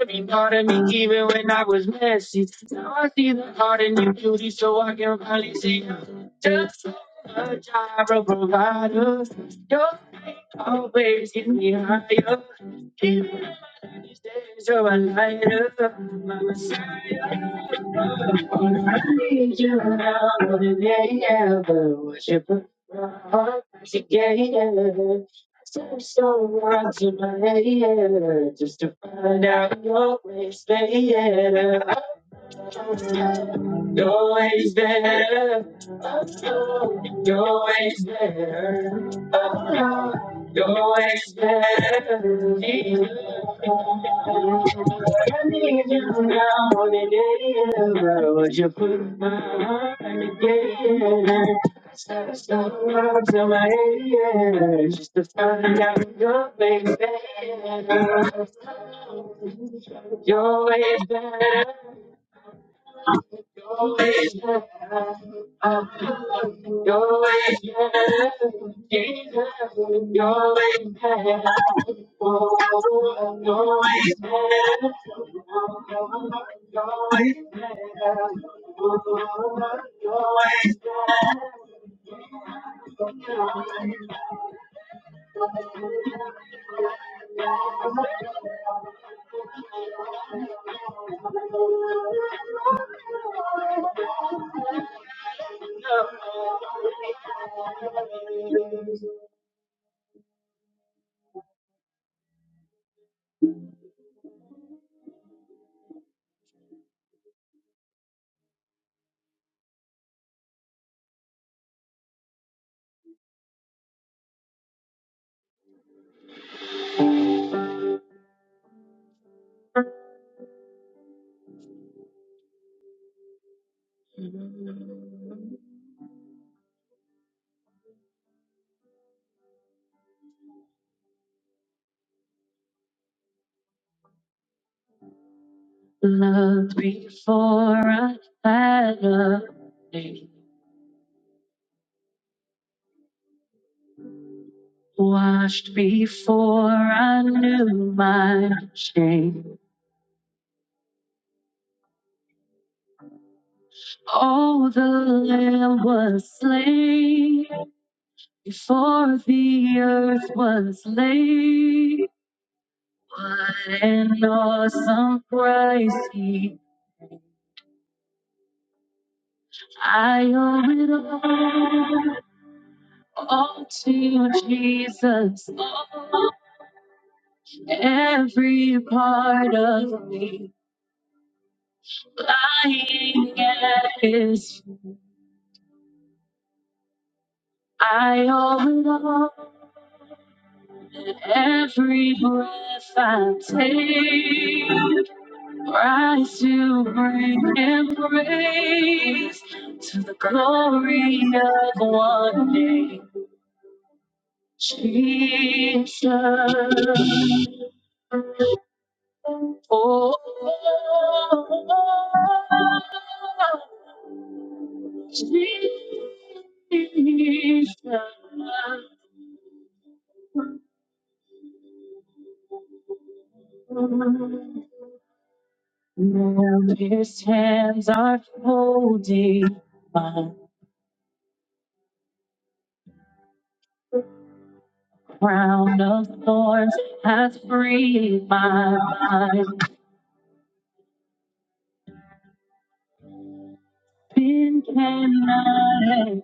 Every part of me, even when I was messy. Now I see the heart in your beauty, so I can finally see you. Just so much I provider. Your faith always get me higher. Even when my darkest days are a lighter. My Messiah. All I need you now more than ever. Worship her. my Heart, she gave. So, so watching my head just to find out your ways, baby. Always there. You're always there. You're always there. I need you now more than ever. Would you put my heart together? I started so out to my ears just to find out your way better. You're always better. Your way is better. Uh, Your way is better. Jesus. Your way is better. Oh, your way is better. Your way is better. Oh, your way is better. Love before I had a name. Washed before I knew my shame. Oh, the Lamb was slain before the earth was laid. What an awesome price he! I owe it all, all to Jesus. All, every part of me lying at His. feet. I owe it all. And Every breath I take, rise to bring Him praise to the glory of one name, Jesus. Oh, Jesus. Now his hands are folded, my crown of thorns has freed my mind. Sin cannot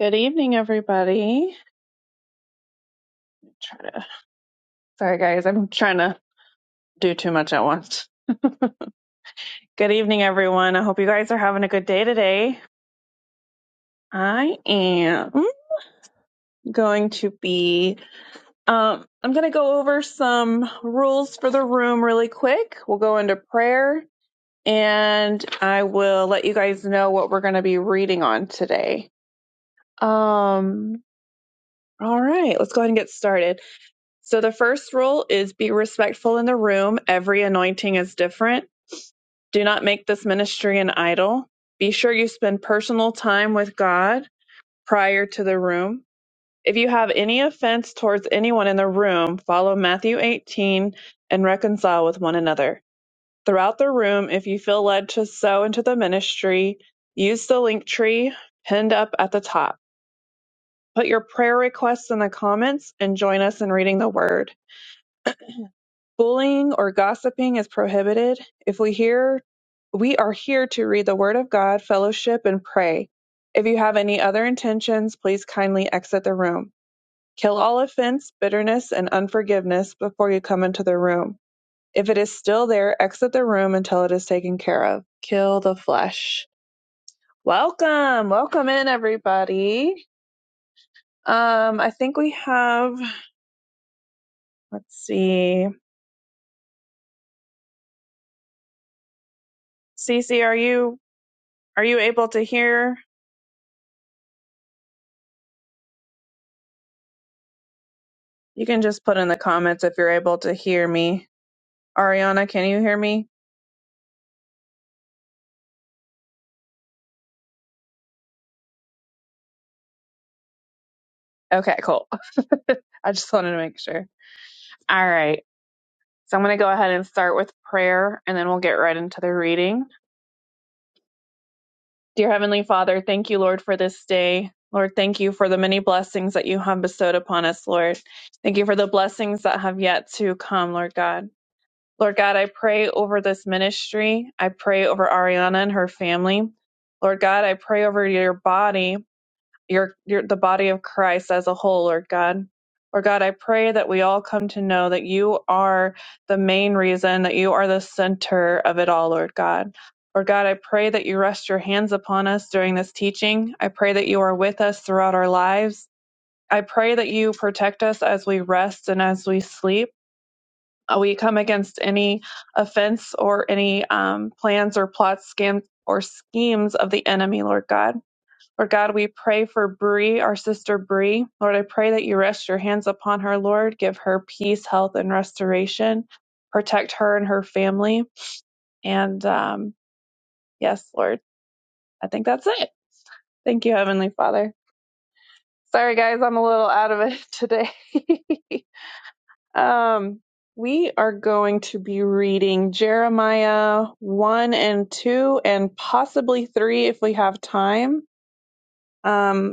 Good evening, everybody. Try to, sorry, guys, I'm trying to do too much at once. Good evening, everyone. I hope you guys are having a good day today. I am going to be, um, I'm going to go over some rules for the room really quick. We'll go into prayer and I will let you guys know what we're going to be reading on today. Um, all right, let's go ahead and get started. So, the first rule is be respectful in the room. Every anointing is different. Do not make this ministry an idol. Be sure you spend personal time with God prior to the room. If you have any offense towards anyone in the room, follow Matthew 18 and reconcile with one another. throughout the room if you feel led to sow into the ministry use the link tree pinned up at the top put your prayer requests in the comments and join us in reading the word bullying or gossiping is prohibited if we hear we are here to read the word of god fellowship and pray if you have any other intentions please kindly exit the room kill all offense bitterness and unforgiveness before you come into the room If it is still there, exit the room until it is taken care of. Kill the flesh. Welcome, welcome in everybody. Um, I think we have. Let's see, Cece, are you are you able to hear? You can just put in the comments if you're able to hear me. Ariana, can you hear me? Okay, cool. I just wanted to make sure. All right. So I'm going to go ahead and start with prayer and then we'll get right into the reading. Dear Heavenly Father, thank you, Lord, for this day. Lord, thank you for the many blessings that you have bestowed upon us, Lord. Thank you for the blessings that have yet to come, Lord God. Lord God, I pray over this ministry. I pray over Ariana and her family. Lord God, I pray over your body your, your the body of Christ as a whole, Lord God. Lord God, I pray that we all come to know that you are the main reason, that you are the center of it all, Lord God. Lord God, I pray that you rest your hands upon us during this teaching. I pray that you are with us throughout our lives. I pray that you protect us as we rest and as we sleep. Uh, We come against any offense or any um, plans or plots, scams, or schemes of the enemy, Lord God. Lord God, we pray for Bree, our sister Bree. Lord, I pray that you rest your hands upon her, Lord. Give her peace, health, and restoration. Protect her and her family. And um, yes, Lord, I think that's it. Thank you, Heavenly Father. Sorry, guys, I'm a little out of it today. um, we are going to be reading Jeremiah 1 and 2, and possibly 3 if we have time. Um,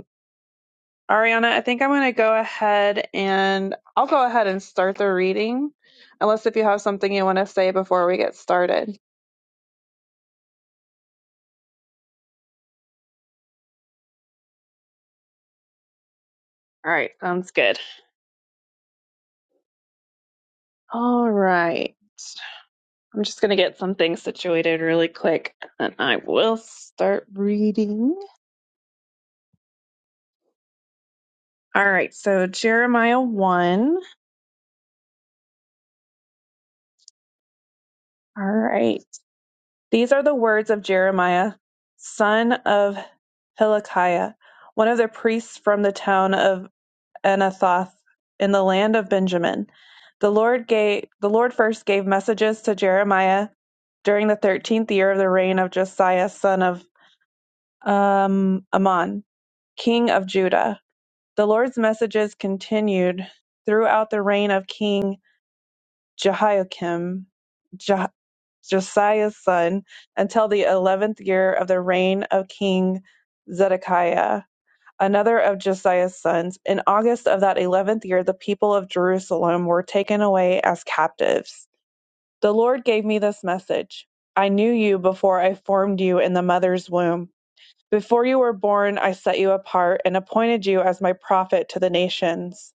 Ariana, I think I'm going to go ahead and I'll go ahead and start the reading, unless if you have something you want to say before we get started. All right, sounds good. All right. I'm just going to get some things situated really quick and I will start reading. All right, so Jeremiah 1. All right. These are the words of Jeremiah, son of Hilkiah, one of the priests from the town of Anathoth in the land of Benjamin. The Lord gave the Lord first gave messages to Jeremiah during the thirteenth year of the reign of Josiah son of um, Ammon, king of Judah. The Lord's messages continued throughout the reign of King Jehoiakim, Je- Josiah's son, until the eleventh year of the reign of King Zedekiah another of Josiah's sons, in August of that eleventh year, the people of Jerusalem were taken away as captives. The Lord gave me this message I knew you before I formed you in the mother's womb. Before you were born, I set you apart and appointed you as my prophet to the nations.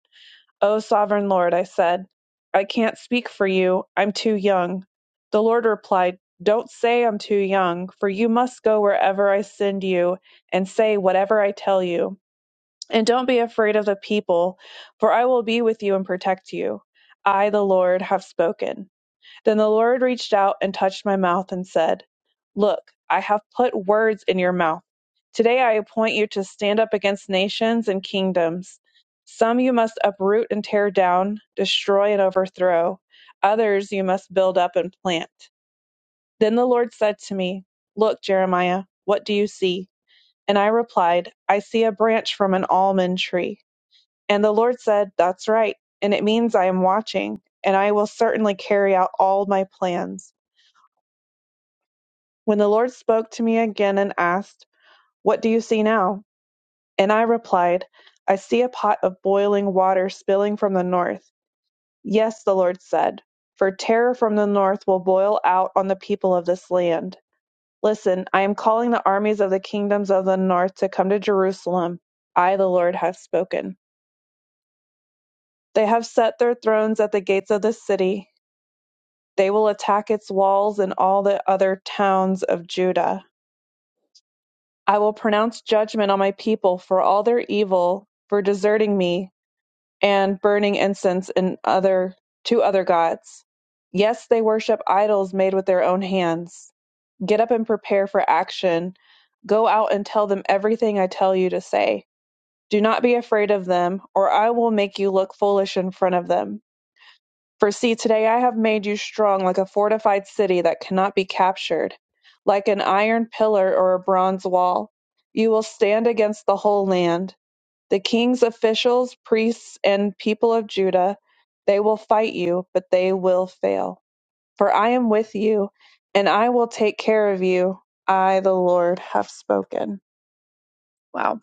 O sovereign Lord, I said, I can't speak for you. I'm too young. The Lord replied, Don't say I'm too young, for you must go wherever I send you and say whatever I tell you. And don't be afraid of the people, for I will be with you and protect you. I, the Lord, have spoken. Then the Lord reached out and touched my mouth and said, Look, I have put words in your mouth. Today I appoint you to stand up against nations and kingdoms. Some you must uproot and tear down, destroy and overthrow. Others you must build up and plant. Then the Lord said to me, Look, Jeremiah, what do you see? And I replied, I see a branch from an almond tree. And the Lord said, That's right. And it means I am watching, and I will certainly carry out all my plans. When the Lord spoke to me again and asked, What do you see now? And I replied, I see a pot of boiling water spilling from the north. Yes, the Lord said, for terror from the north will boil out on the people of this land. Listen, I am calling the armies of the kingdoms of the north to come to Jerusalem. I, the Lord, have spoken. They have set their thrones at the gates of the city They will attack its walls and all the other towns of Judah. I will pronounce judgment on my people for all their evil, for deserting me and burning incense and other to other gods. Yes, they worship idols made with their own hands. Get up and prepare for action. Go out and tell them everything I tell you to say. Do not be afraid of them, or I will make you look foolish in front of them. For see, today I have made you strong like a fortified city that cannot be captured, like an iron pillar or a bronze wall. You will stand against the whole land. The king's officials, priests, and people of Judah, they will fight you, but they will fail. For I am with you, and I will take care of you. I, the Lord, have spoken. Wow.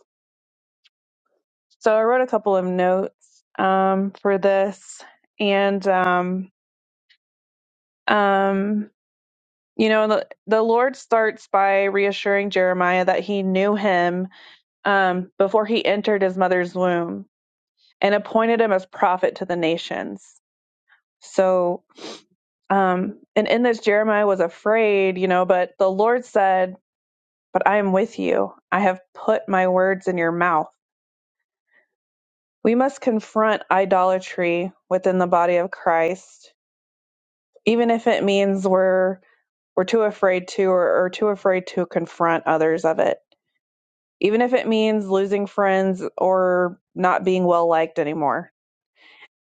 So I wrote a couple of notes um, for this, and um, um, you know the, the lord starts by reassuring jeremiah that he knew him um, before he entered his mother's womb and appointed him as prophet to the nations so um, and in this jeremiah was afraid you know but the lord said but i am with you i have put my words in your mouth we must confront idolatry within the body of christ even if it means we're we're too afraid to or, or too afraid to confront others of it even if it means losing friends or not being well liked anymore.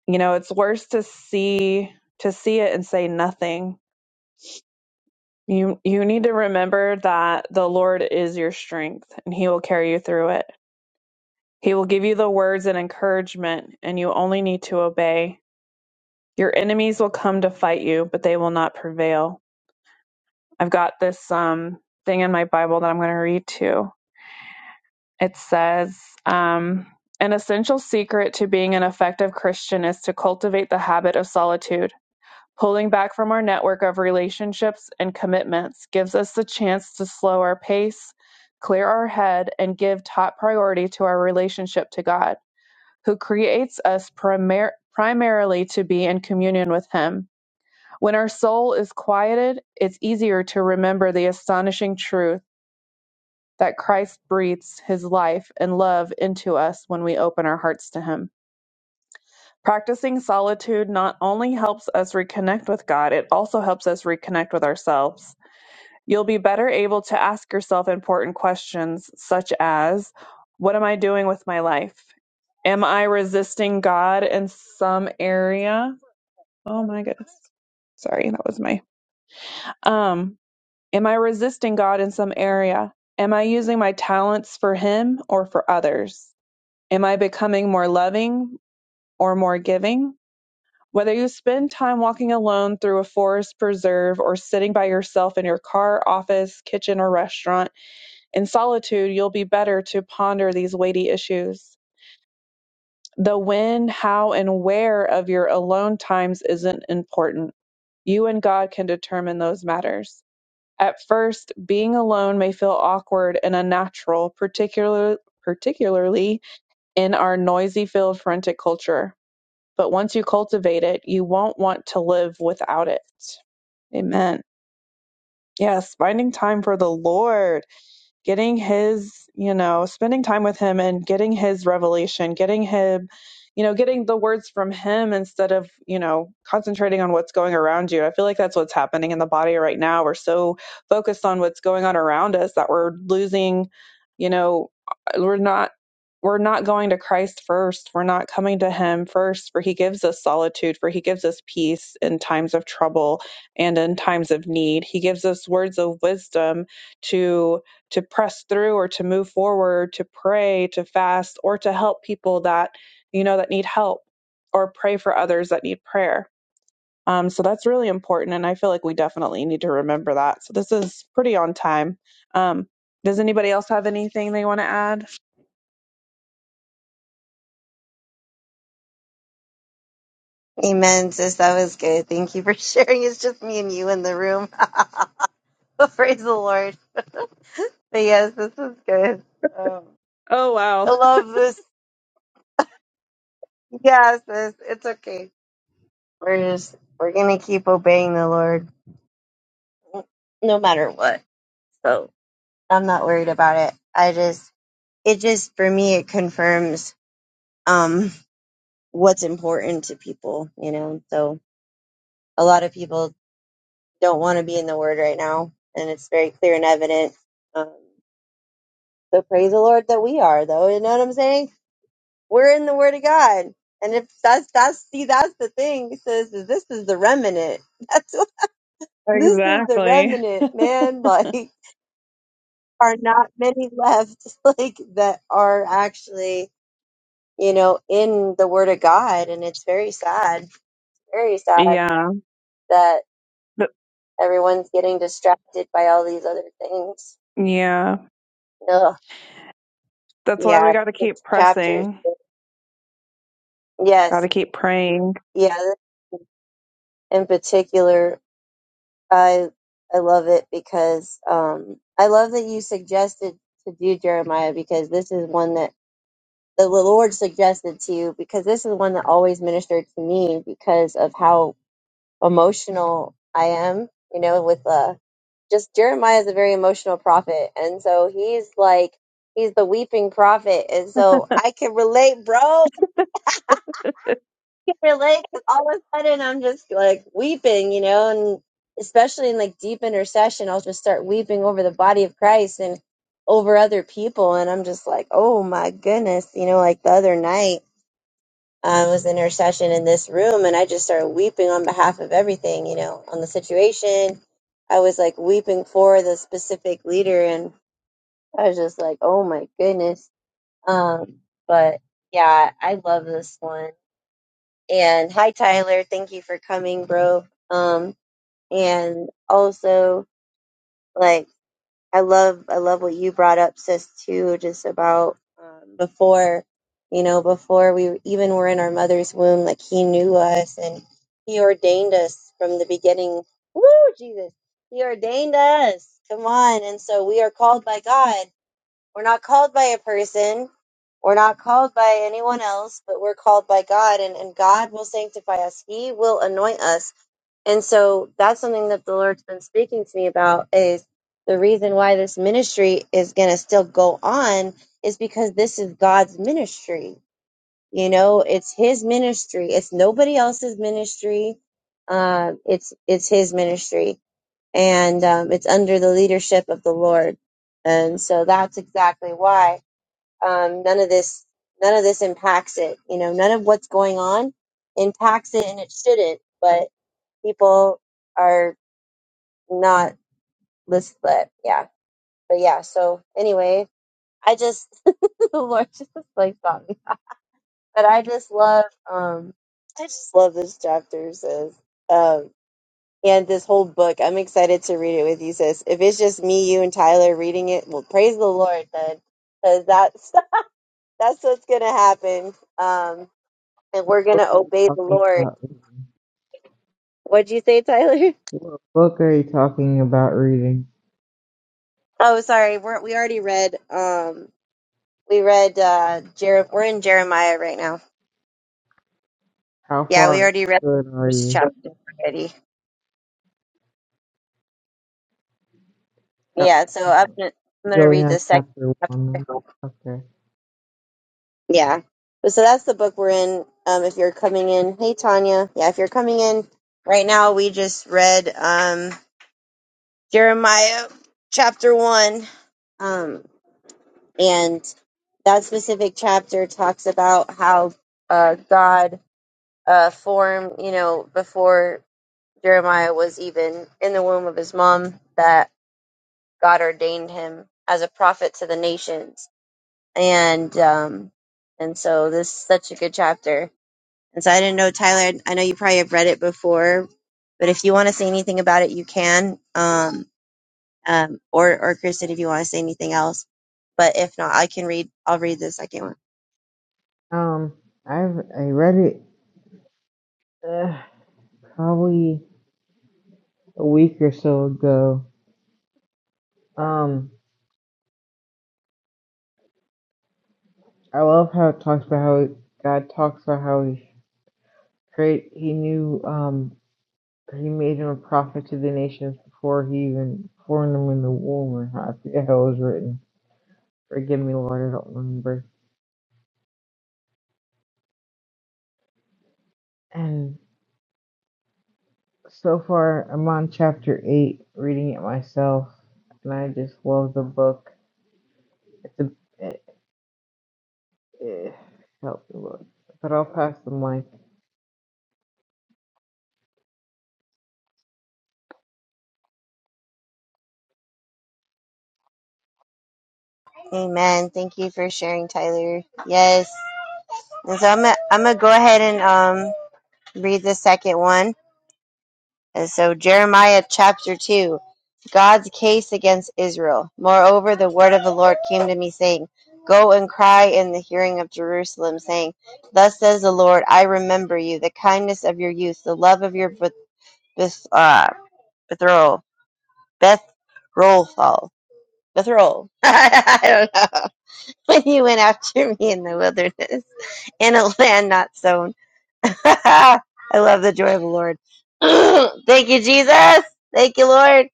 You know, it's worse to see to see it and say nothing. You you need to remember that the Lord is your strength and he will carry you through it. He will give you the words and encouragement and you only need to obey. Your enemies will come to fight you, but they will not prevail. I've got this um thing in my Bible that I'm going to read to it says um, an essential secret to being an effective christian is to cultivate the habit of solitude pulling back from our network of relationships and commitments gives us the chance to slow our pace clear our head and give top priority to our relationship to god who creates us primar- primarily to be in communion with him when our soul is quieted it's easier to remember the astonishing truth that Christ breathes his life and love into us when we open our hearts to him. Practicing solitude not only helps us reconnect with God, it also helps us reconnect with ourselves. You'll be better able to ask yourself important questions such as What am I doing with my life? Am I resisting God in some area? Oh my goodness. Sorry, that was my. Um, am I resisting God in some area? Am I using my talents for Him or for others? Am I becoming more loving or more giving? Whether you spend time walking alone through a forest preserve or sitting by yourself in your car, office, kitchen, or restaurant, in solitude, you'll be better to ponder these weighty issues. The when, how, and where of your alone times isn't important. You and God can determine those matters. At first, being alone may feel awkward and unnatural, particular, particularly in our noisy, filled, frantic culture But once you cultivate it, you won't want to live without it. Amen. Yes, finding time for the Lord getting his, you know, spending time with him and getting his revelation, getting him, you know, getting the words from him instead of, you know, concentrating on what's going around you. I feel like that's what's happening in the body right now. We're so focused on what's going on around us that we're losing, you know, uh, we're not we're not going to Christ first. We're not coming to him first, for he gives us solitude, for he gives us peace in times of trouble and in times of need. He gives us words of wisdom to to press through or to move forward, to pray, to fast, or to help people that, you know, that need help or pray for others that need prayer um, so that's really important. And I feel like we definitely need to remember that. So this is pretty on time. Um, does anybody else have anything they want to add? Amen, sis. That was good. Thank you for sharing. It's just me and you in the room. Praise the Lord. But yes, this is good. Um, Oh, wow. I love this. Yes, sis. It's okay. We're just we're gonna keep obeying the Lord, no matter what. So I'm not worried about it. I just it just for me it confirms um what's important to people, you know. So a lot of people don't want to be in the Word right now, and it's very clear and evident. Um, So praise the Lord that we are, though. You know what I'm saying? We're in the Word of God, and if that's that's see, that's the thing. He says is this is the remnant. That's what, this is the Exactly. remnant, man. Like are not many left, like that are actually you know in the Word of God, and it's very sad, very sad Yeah. that Th- everyone's getting distracted by all these other things. yeah. Ugh. That's why we Yeah, got to this keep chapter. is- pressing. Gotta Yes, keep praying. yeah. In particular, I I love it because um I love that you suggested to do Jeremiah because this is one that the Lord suggested to you because this is one that always ministered to me because of how emotional I am, you know, with uh just Jeremiah is a very emotional prophet and so he's like he's the weeping prophet and so I can relate, bro. can relate 'cause all of a sudden I'm just like weeping, you know, and especially in like deep intercession, I'll just start weeping over the body of Christ and over other people. And I'm just like, oh my goodness, you know, like the other night I was in intercession in this room and I just started weeping on behalf of everything, you know, on the situation. I was like weeping for the specific leader and I was just like, oh my goodness. Um, but yeah, I love this one. And hi, Tyler. Thank you for coming, bro. Um, and also, like, I love, I love what you brought up, sis, too, just about um, before, you know, before we even were in our mother's womb, like, he knew us and he ordained us from the beginning. Woo, Jesus. He ordained us. Come on. And so we are called by God. We're not called by a person. We're not called by anyone else, but we're called by God, and, and God will sanctify us. He will anoint us. And so that's something that the Lord's been speaking to me about is the reason why this ministry is going to still go on is because this is God's ministry. You know, it's His ministry. It's nobody else's ministry. Um, it's it's His ministry, and um, it's under the leadership of the Lord. And so that's exactly why um, none of this none of this impacts it you know none of what's going on impacts it and it shouldn't but people are not list but yeah but yeah so anyway i just the lord just like got me but i just love um i just love this chapter sis um and this whole book i'm excited to read it with you sis if it's just me you and tyler reading it well praise the lord then because that's that's what's gonna happen um and What we're book gonna are you obey the talking Lord. about reading? What'd you say, Tyler? What book are you talking about reading? Oh, sorry. We're, we already read. Um, we read. Uh, Jer- we're in Jeremiah right now. How Yeah, we far already read into the it are first you? chapter already. How, Yeah, so I I'm don't know. gonna, I'm You're gonna only read the on second chapter chapter. one. then? Okay. Yeah. So that's the book we're in. Um, if you're coming in, hey Tanya. Yeah, if you're coming in right now, we just read um Jeremiah chapter one. Um, And that specific chapter talks about how uh, God uh, formed, you know, before Jeremiah was even in the womb of his mom, that God ordained him as a prophet to the nations. And um, and so this is such a good chapter. And so I didn't know, Tyler, I know you probably have read it before, but if you want to say anything about it, you can. Um, um, or, or Kristen, if you want to say anything else. But if not, I can read, I'll read the second one. Um, I've I read it uh, probably a week or so ago. Um, I love how it talks about how God talks about how he create he knew um he made him a prophet to the nations before he even formed them in the womb or how the hell it was written Forgive me, Lord, I don't remember. And so far, I'm on chapter eight, reading it myself, and I just love the book. It's a it, it, help me, Lord. But I'll pass the mic. Amen. Thank you for sharing, Tyler. Yes. And so I'm gonna, I'm gonna go ahead and um read the second one. And so Jeremiah chapter two, God's case against Israel. Moreover, the word of the Lord came to me saying, Go and cry in the hearing of Jerusalem, saying, Thus says the Lord, I remember you, the kindness of your youth, the love of your beth, beth uh, Bethroel, Beth Rolfal, Bethroel. I don't know. when you went after me in the wilderness, in a land not sown. I love the joy of the Lord. Thank you, Jesus. Thank you, Lord.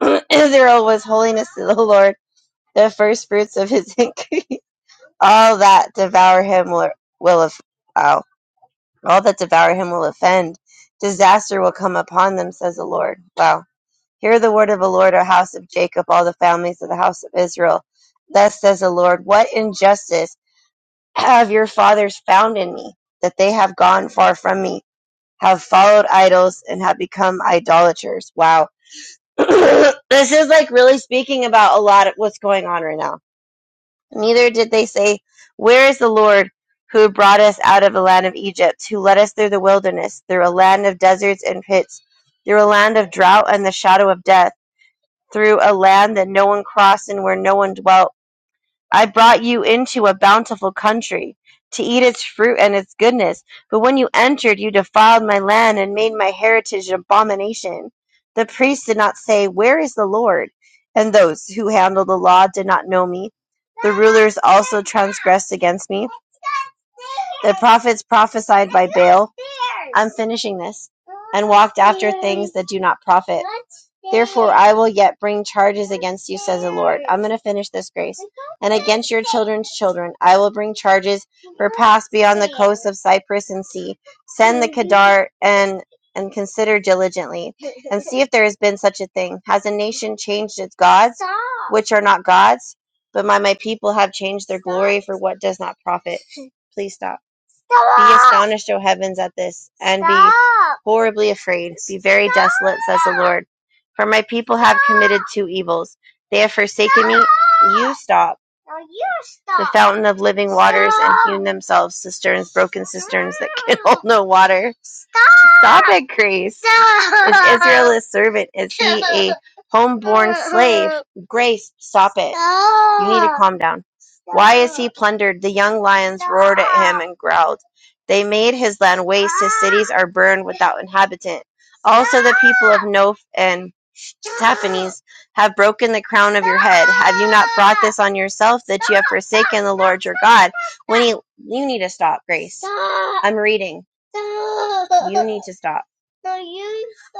Israel was holiness to the Lord, the first fruits of his increase. All that devour him will, will off- wow. all that devour him will offend. Disaster will come upon them, says the Lord. Wow. Hear the word of the Lord, O house of Jacob, all the families of the house of Israel. Thus says the Lord, what injustice have your fathers found in me, that they have gone far from me, have followed idols, and have become idolaters. Wow. this is like really speaking about a lot of what's going on right now. Neither did they say, Where is the Lord who brought us out of the land of Egypt, who led us through the wilderness, through a land of deserts and pits, through a land of drought and the shadow of death, through a land that no one crossed and where no one dwelt? I brought you into a bountiful country, to eat its fruit and its goodness. But when you entered, you defiled my land and made my heritage an abomination. The priests did not say, Where is the Lord? And those who handle the law did not know me. The rulers also transgressed against me. The prophets prophesied by Baal. I'm finishing this. And walked after things that do not profit. Therefore, I will yet bring charges against you, says the Lord. I'm going to finish this, Grace. And against your children's children, I will bring charges for pass beyond the coasts of Cyprus and sea. Send the Kedar and and consider diligently and see if there has been such a thing. Has a nation changed its gods, which are not gods? But my, my people have changed their glory for what does not profit. Please stop. Stop. Be astonished, O heavens, at this, and stop. be horribly afraid. Be very stop. desolate, says the Lord. For my people have committed two evils. They have forsaken me. You stop. No, you stop. The fountain of living waters stop. and hewn themselves cisterns, broken cisterns that can hold no water. Stop Stop it, Grace. Stop. Is Israel a servant? Is he a homeborn slave? Grace, stop it. Stop. You need to calm down. Why is he plundered? The young lions roared at him and growled. They made his land waste. His cities are burned without inhabitant. Also, the people of Noph and Taphanes have broken the crown of your head. Have you not brought this on yourself that you have forsaken the Lord your God? When he, you need to stop, Grace. I'm reading. You need to stop.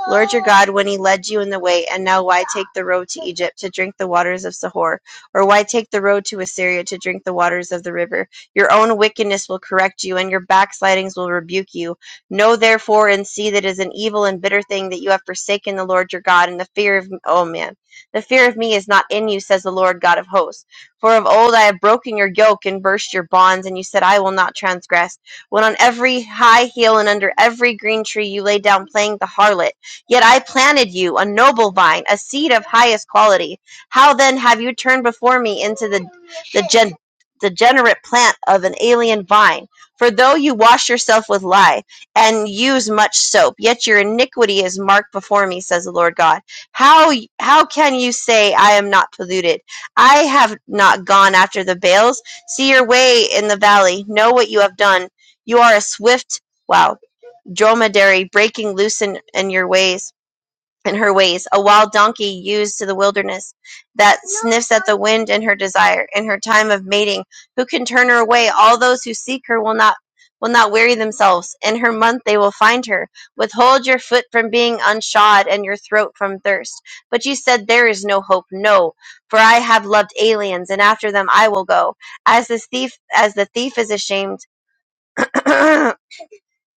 Lord your God, when he led you in the way, and now why take the road to Egypt to drink the waters of Sihor? Or why take the road to Assyria to drink the waters of the river? Your own wickedness will correct you, and your backslidings will rebuke you. Know therefore and see that it is an evil and bitter thing that you have forsaken the Lord your God, and the fear of oh man, the fear of me is not in you, says the Lord God of hosts. For of old I have broken your yoke and burst your bonds, and you said, I will not transgress. When on every high hill and under every green tree you lay down playing the harlot, yet I planted you, a noble vine, a seed of highest quality. How then have you turned before me into the the gen, degenerate plant of an alien vine? For though you wash yourself with lye and use much soap, yet your iniquity is marked before me, says the Lord God. How how can you say I am not polluted? I have not gone after the Baals. See your way in the valley. Know what you have done. You are a swift wow dromedary breaking loose in, in your ways in her ways, a wild donkey used to the wilderness, that sniffs at the wind in her desire, in her time of mating. Who can turn her away? All those who seek her will not will not weary themselves. In her month they will find her. Withhold your foot from being unshod and your throat from thirst. But you said there is no hope. No, for I have loved aliens, and after them I will go. As the thief as the thief is ashamed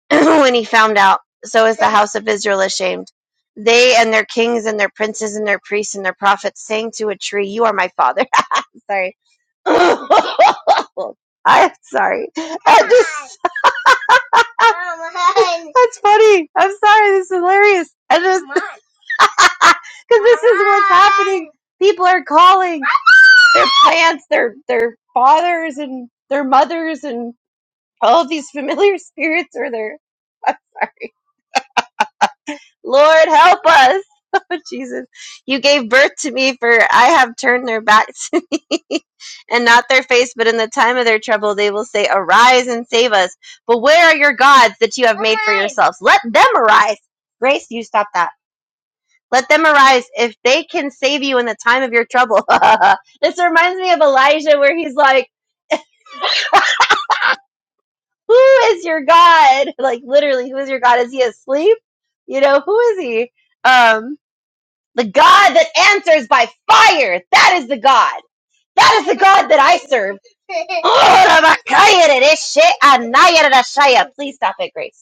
when he found out. So is the house of Israel ashamed. They and their kings and their princes and their priests and their prophets sang to a tree, You are my father. I'm sorry. I'm sorry. I just, that's funny. I'm sorry. This is hilarious. I just, because this is what's happening. People are calling their plants, their their fathers and their mothers and all of these familiar spirits are there. I'm sorry. Lord, help us. Oh, Jesus, you gave birth to me, for I have turned their backs to me, and not their face, but in the time of their trouble they will say, Arise and save us. But where are your gods that you have made for yourselves? Let them arise. Grace, you stop that. Let them arise if they can save you in the time of your trouble. this reminds me of Elijah, where he's like, Who is your God? Like, literally, who is your God? Is he asleep? You know, who is he? Um, The God that answers by fire. That is the God. That is the God that I serve. Please stop it, Grace.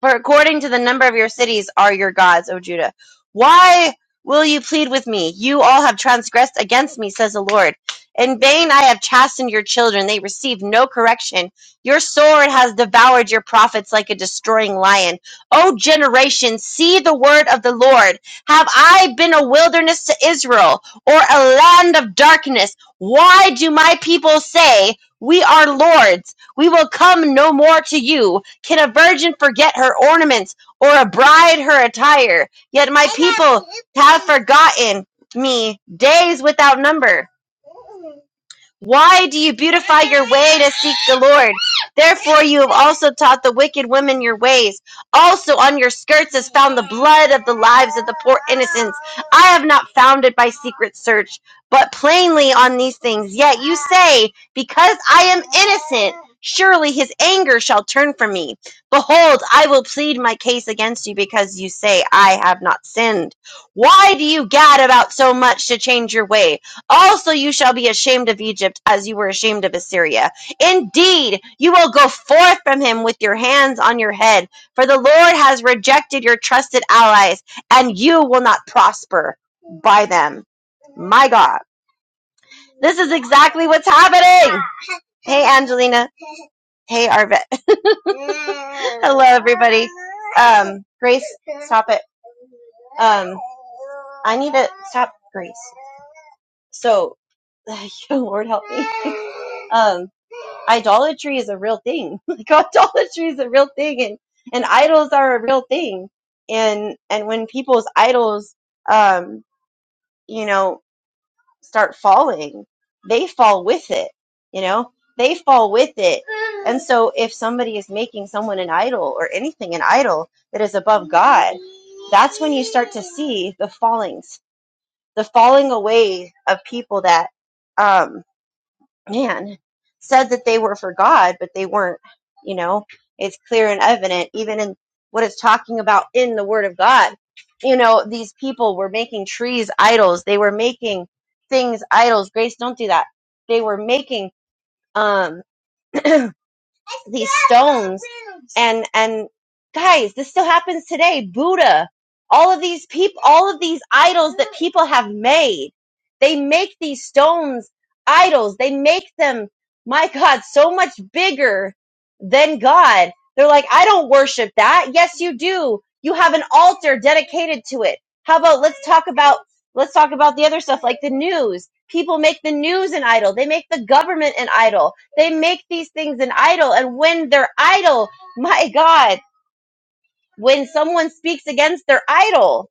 For according to the number of your cities are your gods, O Judah. Why will you plead with me? You all have transgressed against me, says the Lord. In vain I have chastened your children. They receive no correction. Your sword has devoured your prophets like a destroying lion. O generation, see the word of the Lord. Have I been a wilderness to Israel or a land of darkness? Why do my people say, We are lords? We will come no more to you can a virgin forget her ornaments or a bride her attire? Yet my people have forgotten me days without number. Why do you beautify your way to seek the Lord? Therefore, you have also taught the wicked women your ways. Also, on your skirts is found the blood of the lives of the poor innocents. I have not found it by secret search, but plainly on these things. Yet you say, Because I am innocent, surely his anger shall turn from me. Behold, I will plead my case against you because you say, I have not sinned. Why do you gad about so much to change your way? Also, you shall be ashamed of Egypt as you were ashamed of Assyria. Indeed, you will go forth from him with your hands on your head, for the Lord has rejected your trusted allies, and you will not prosper by them. My God. This is exactly what's happening. Hey, Angelina. Hey, Arvet. Hello, everybody. Um, Grace, stop it. Um, I need to stop, Grace. So, Lord help me. Um, idolatry is a real thing. Like idolatry is a real thing, and and idols are a real thing. And and when people's idols, um, you know start falling, they fall with it. You know, they fall with it. And so if somebody is making someone an idol or anything an idol that is above God, that's when you start to see the fallings, the falling away of people that um, man said that they were for God, but they weren't. You know, it's clear and evident, even in what it's talking about in the Word of God. You know, these people were making trees idols. They were making things idols. Grace, don't do that. They were making um these stones and and guys this still happens today buddha all of these people all of these idols that people have made they make these stones idols they make them my god so much bigger than god they're like i don't worship that yes you do you have an altar dedicated to it how about let's talk about let's talk about the other stuff like the news people make the news an idol they make the government an idol they make these things an idol. And when they're idol, my God, when someone speaks against their idol,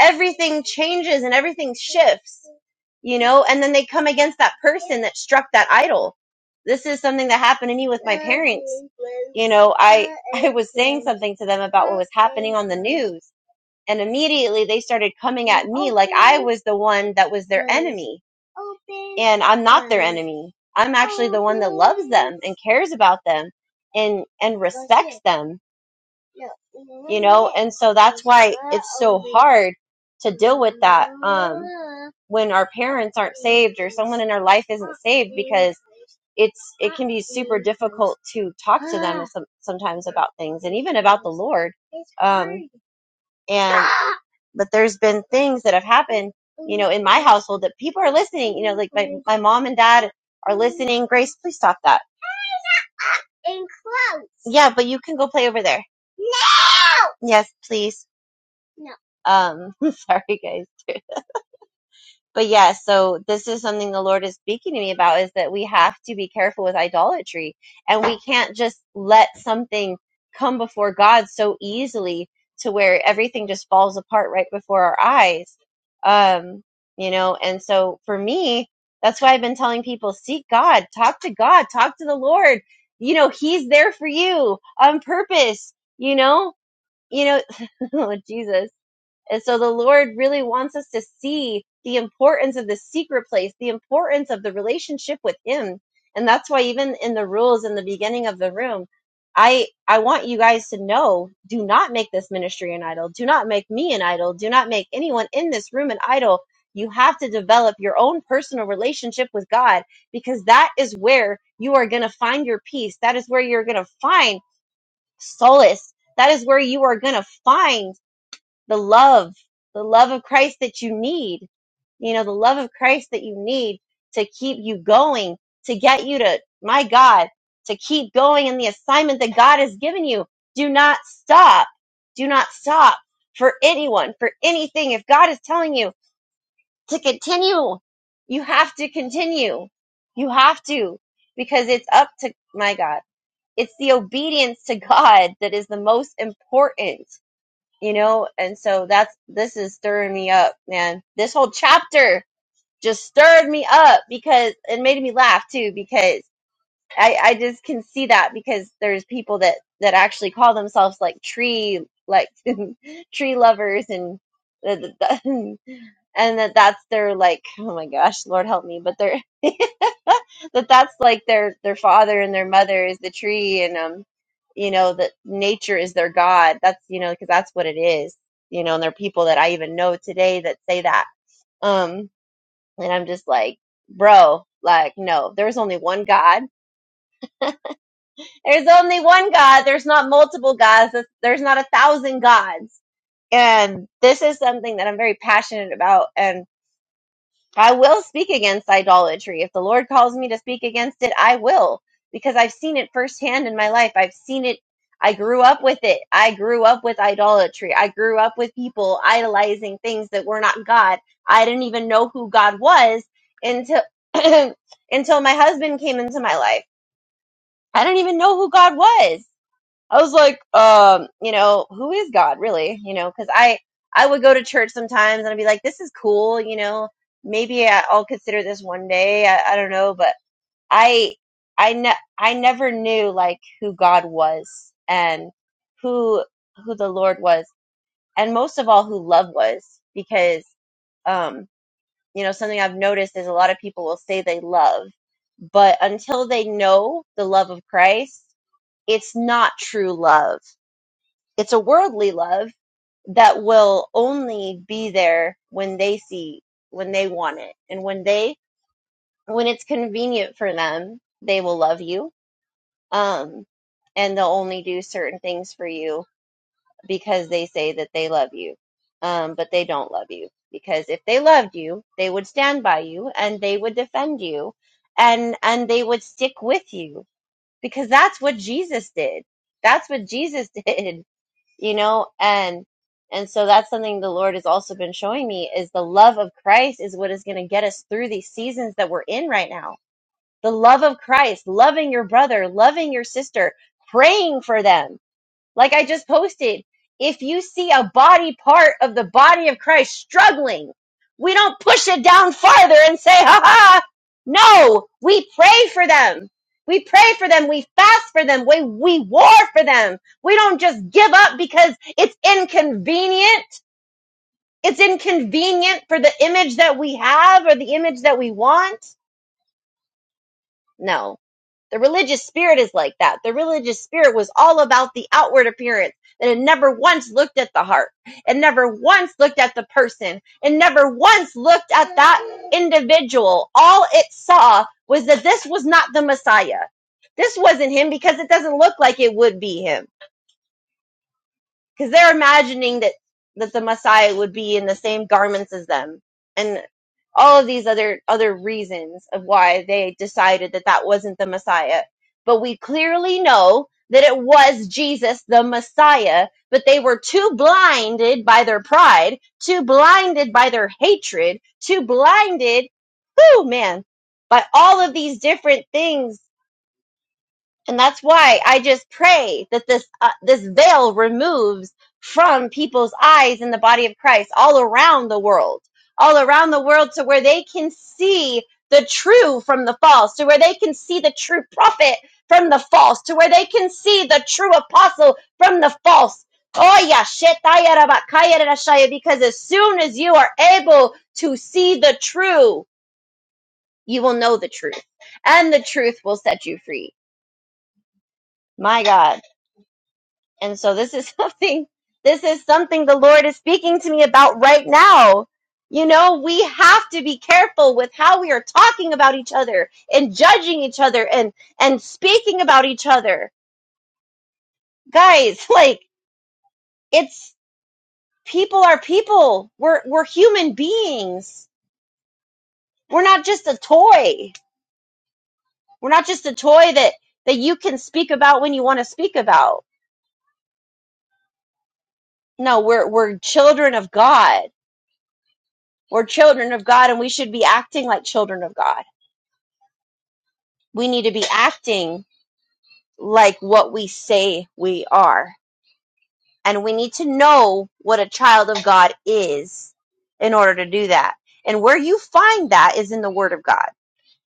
everything changes and everything shifts, you know, and then they come against that person that struck that idol. This is something that happened to me with my parents. You know, I, I was saying something to them about what was happening on the news and immediately they started coming at me like I was the one that was their enemy. And I'm not their enemy. I'm actually the one that loves them and cares about them and and respects them. You know, and so that's why it's so hard to deal with that um when our parents aren't saved or someone in our life isn't saved because it's it can be super difficult to talk to them some, sometimes about things and even about the Lord. Um, and but there's been things that have happened, you know, in my household that people are listening. You know, like my, my mom and dad are listening. Grace, please stop that. In close. Yeah, but you can go play over there. Yes, please. Um, sorry guys. but yeah, so this is something the Lord is speaking to me about is that we have to be careful with idolatry and we can't just let something come before God so easily to where everything just falls apart right before our eyes. Um, you know, and so for me, that's why I've been telling people seek God, talk to God, talk to the Lord. You know, he's there for you on purpose, you know? You know, oh, Jesus and so the Lord really wants us to see the importance of the secret place, the importance of the relationship with Him. And that's why even in the rules in the beginning of the room, I I want you guys to know, do not make this ministry an idol. Do not make me an idol. Do not make anyone in this room an idol. You have to develop your own personal relationship with God because that is where you are going to find your peace. That is where you're going to find solace. That is where you are going to find the love, the love of Christ that you need, you know, the love of Christ that you need to keep you going, to get you to, my God, to keep going in the assignment that God has given you. Do not stop. Do not stop for anyone, for anything. If God is telling you to continue, you have to continue. You have to, because it's up to, my God, it's the obedience to God that is the most important you know and so that's this is stirring me up man this whole chapter just stirred me up because it made me laugh too because i i just can see that because there's people that that actually call themselves like tree like tree lovers and and that that's their like oh my gosh lord help me but they're that that's like their their father and their mother is the tree and um you know that nature is their god that's you know because that's what it is you know and there are people that i even know today that say that um and i'm just like bro like no there's only one god there's only one god there's not multiple gods there's there's not a thousand gods and this is something that i'm very passionate about and. I will speak against idolatry. If the Lord calls me to speak against it, I will, because I've seen it firsthand in my life. I've seen it. I grew up with it. I grew up with idolatry. I grew up with people idolizing things that were not God. I didn't even know who God was until until my husband came into my life. I didn't even know who God was. I was like, um, you know, who is God really? You know, because I I would go to church sometimes and I'd be like, this is cool, you know, maybe I- I'll consider this one day. I, I don't know, but I I ne- I never knew like who God was and who who the Lord was, and most of all, who love was, because um, you know, something I've noticed is a lot of people will say they love, but until they know the love of Christ, it's not true love it's a worldly love that will only be there when they see, when they want it, and when they, when it's convenient for them, they will love you. Um, and they'll only do certain things for you because they say that they love you. Um, but they don't love you because if they loved you, they would stand by you and they would defend you and, and they would stick with you because that's what Jesus did. That's what Jesus did you know and and so that's something the lord has also been showing me is the love of christ is what is going to get us through these seasons that we're in right now the love of christ loving your brother loving your sister praying for them like I just posted, if you see a body part of the body of Christ struggling, we don't push it down farther and say, ha ha. No, we pray for them. We pray for them. We fast for them. We, we war for them. We don't just give up because it's inconvenient. It's inconvenient for the image that we have or the image that we want. No the religious spirit is like that. The religious spirit was all about the outward appearance, and it never once looked at the heart. It never once looked at the person. It never once looked at that individual. All it saw was that this was not the Messiah. This wasn't him because it doesn't look like it would be him. Because they're imagining that, that the Messiah would be in the same garments as them and all of these other other reasons of why they decided that that wasn't the Messiah. But we clearly know that it was Jesus the Messiah, but they were too blinded by their pride, too blinded by their hatred, too blinded, whoo man, by all of these different things and that's why I just pray that this uh, this veil removes from people's eyes in the body of Christ all around the world, all around the world, to where they can see the true from the false, to where they can see the true prophet from the false, to where they can see the true apostle from the false. Oh yeah, shit, daya raba, kaya because as soon as you are able to see the true, you will know the truth, and the truth will set you free. My God. And so this is something, this is something the Lord is speaking to me about right now. You know, we have to be careful with how we are talking about each other and judging each other and, and speaking about each other. Guys, like it's people are people. We're, we're human beings. We're not just a toy. We're not just a toy that, that you can speak about when you want to speak about. No, we're, we're children of God. We're children of God and we should be acting like children of God We need to be acting like what we say we are. And we need to know what a child of God is in order to do that. And where you find that is in the Word of God.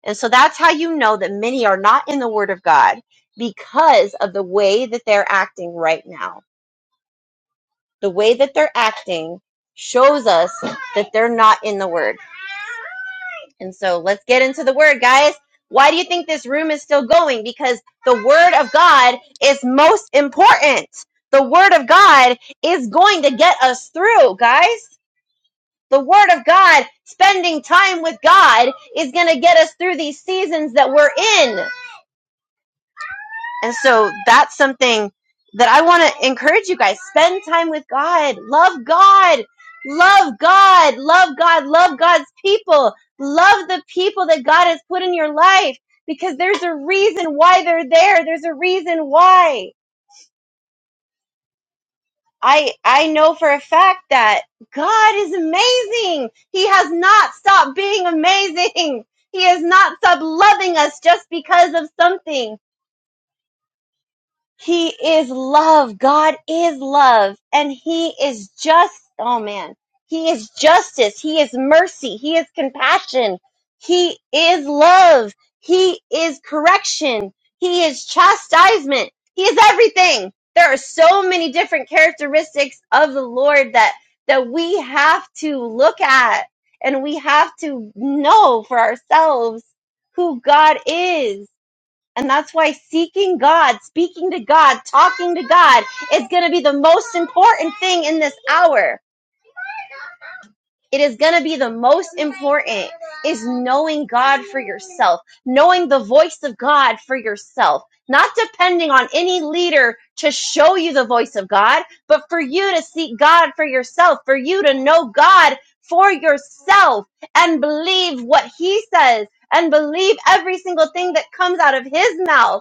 And so that's how you know that many are not in the Word of God because of the way that they're acting right now. The way that they're acting shows us that they're not in the Word. And so let's get into the word, guys. Why do you think this room is still going? Because the word of God is most important. The word of God is going to get us through, guys. The word of God, spending time with God, is going to get us through these seasons that we're in. And so that's something that I want to encourage you guys. Spend time with God. Love God. Love God. Love God. Love God's people. Love the people that God has put in your life because there's a reason why they're there. There's a reason why. I, I know for a fact that God is amazing. He has not stopped being amazing. He has not stopped loving us just because of something. He is love. God is love. And He is just, oh man, He is justice. He is mercy. He is compassion. He is love. He is correction. He is chastisement. He is everything. There are so many different characteristics of the Lord that, that we have to look at and we have to know for ourselves who God is and that's why seeking God, speaking to God, talking to God is going to be the most important thing in this hour. It is going to be the most important is knowing God for yourself, knowing the voice of God for yourself, not depending on any leader to show you the voice of God, but for you to seek God for yourself, for you to know God for yourself and believe what he says and believe every single thing that comes out of his mouth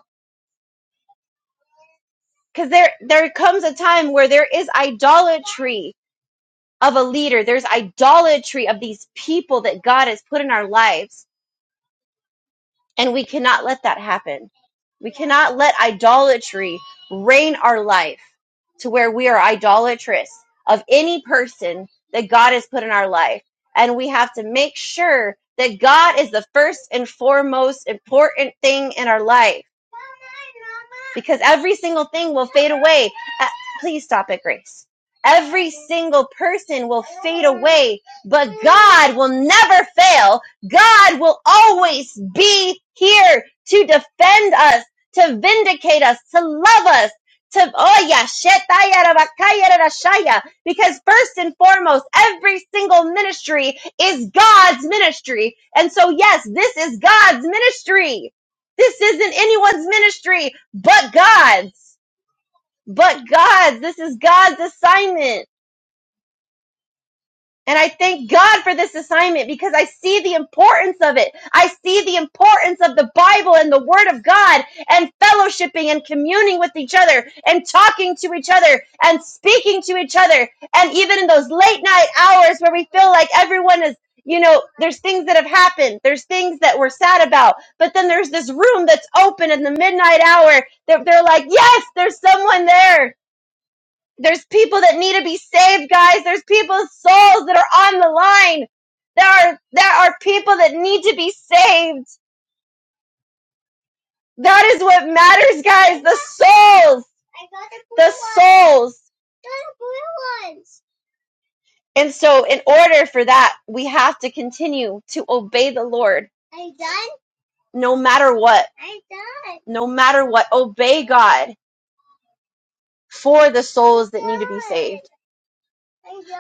because there there comes a time where there is idolatry of a leader there's idolatry of these people that god has put in our lives and we cannot let that happen. We cannot let idolatry reign our life to where we are idolatrous of any person that God has put in our life. And we have to make sure that God is the first and foremost important thing in our life because every single thing will fade away. Uh, Please stop it, Grace. Every single person will fade away, but God will never fail God will always be here to defend us, to vindicate us, to love us, to, oh yeah, shetaya rabakaya rarashaya. because first and foremost, every single ministry is God's ministry. And so yes, this is God's ministry. This isn't anyone's ministry, but God's, but God's. This is God's assignment. And I thank God for this assignment because I see the importance of it. I see the importance of the Bible and the Word of God and fellowshipping and communing with each other and talking to each other and speaking to each other. And even in those late night hours where we feel like everyone is, you know, there's things that have happened, there's things that we're sad about. But then there's this room that's open in the midnight hour that they're like, yes, there's someone there there's people that need to be saved, guys. There's people's souls that are on the line. There are there are people that need to be saved. That is what matters, guys. The souls. The souls. And so in order for that, we have to continue to obey the Lord no matter what. No matter what, obey God for the souls that need to be saved.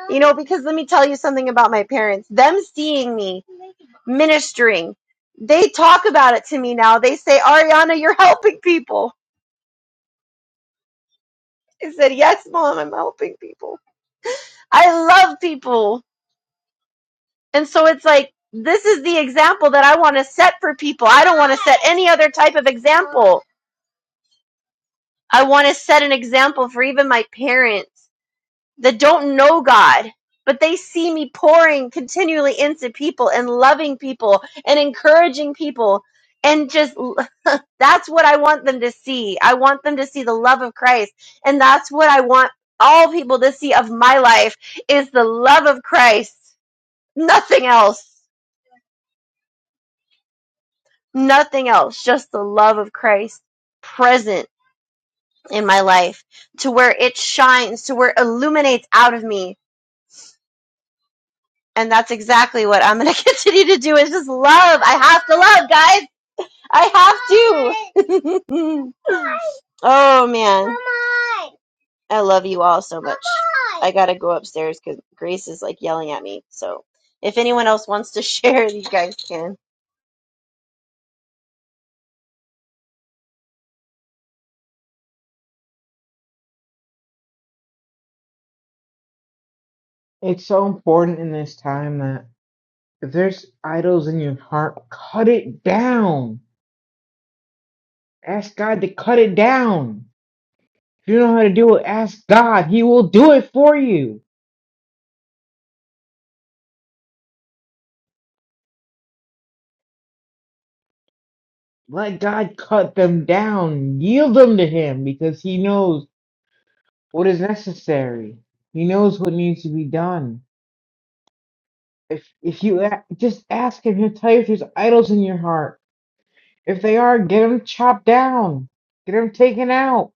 You know, because let me tell you something about my parents. Them seeing me ministering. They talk about it to me now. They say, Ariana, you're helping people. I said, Yes, mom, I'm helping people. I love people. And so it's like, this is the example that I want to set for people. I don't want to set any other type of example. I want to set an example for even my parents. that don't know God, but they see me pouring continually into people and loving people and encouraging people. And just that's what I want them to see. I want them to see the love of Christ. And that's what I want all people to see of my life is the love of Christ. Nothing else. Nothing else. Just the love of Christ present in my life to where it shines, to where it illuminates out of me and that's exactly what I'm going to continue to do is just love. I have to love, guys. I have to. oh man, I love you all so much. I got to go upstairs because Grace is like yelling at me. So if anyone else wants to share, you guys can. It's so important in this time that if there's idols in your heart, cut it down. Ask God to cut it down. If you don't know how to do it, ask God. He will do it for you. Let God cut them down. Yield them to Him because He knows. what is necessary. He knows what needs to be done. If if you a- just ask him, he'll tell you if there's idols in your heart. If they are, get them chopped down, get them taken out.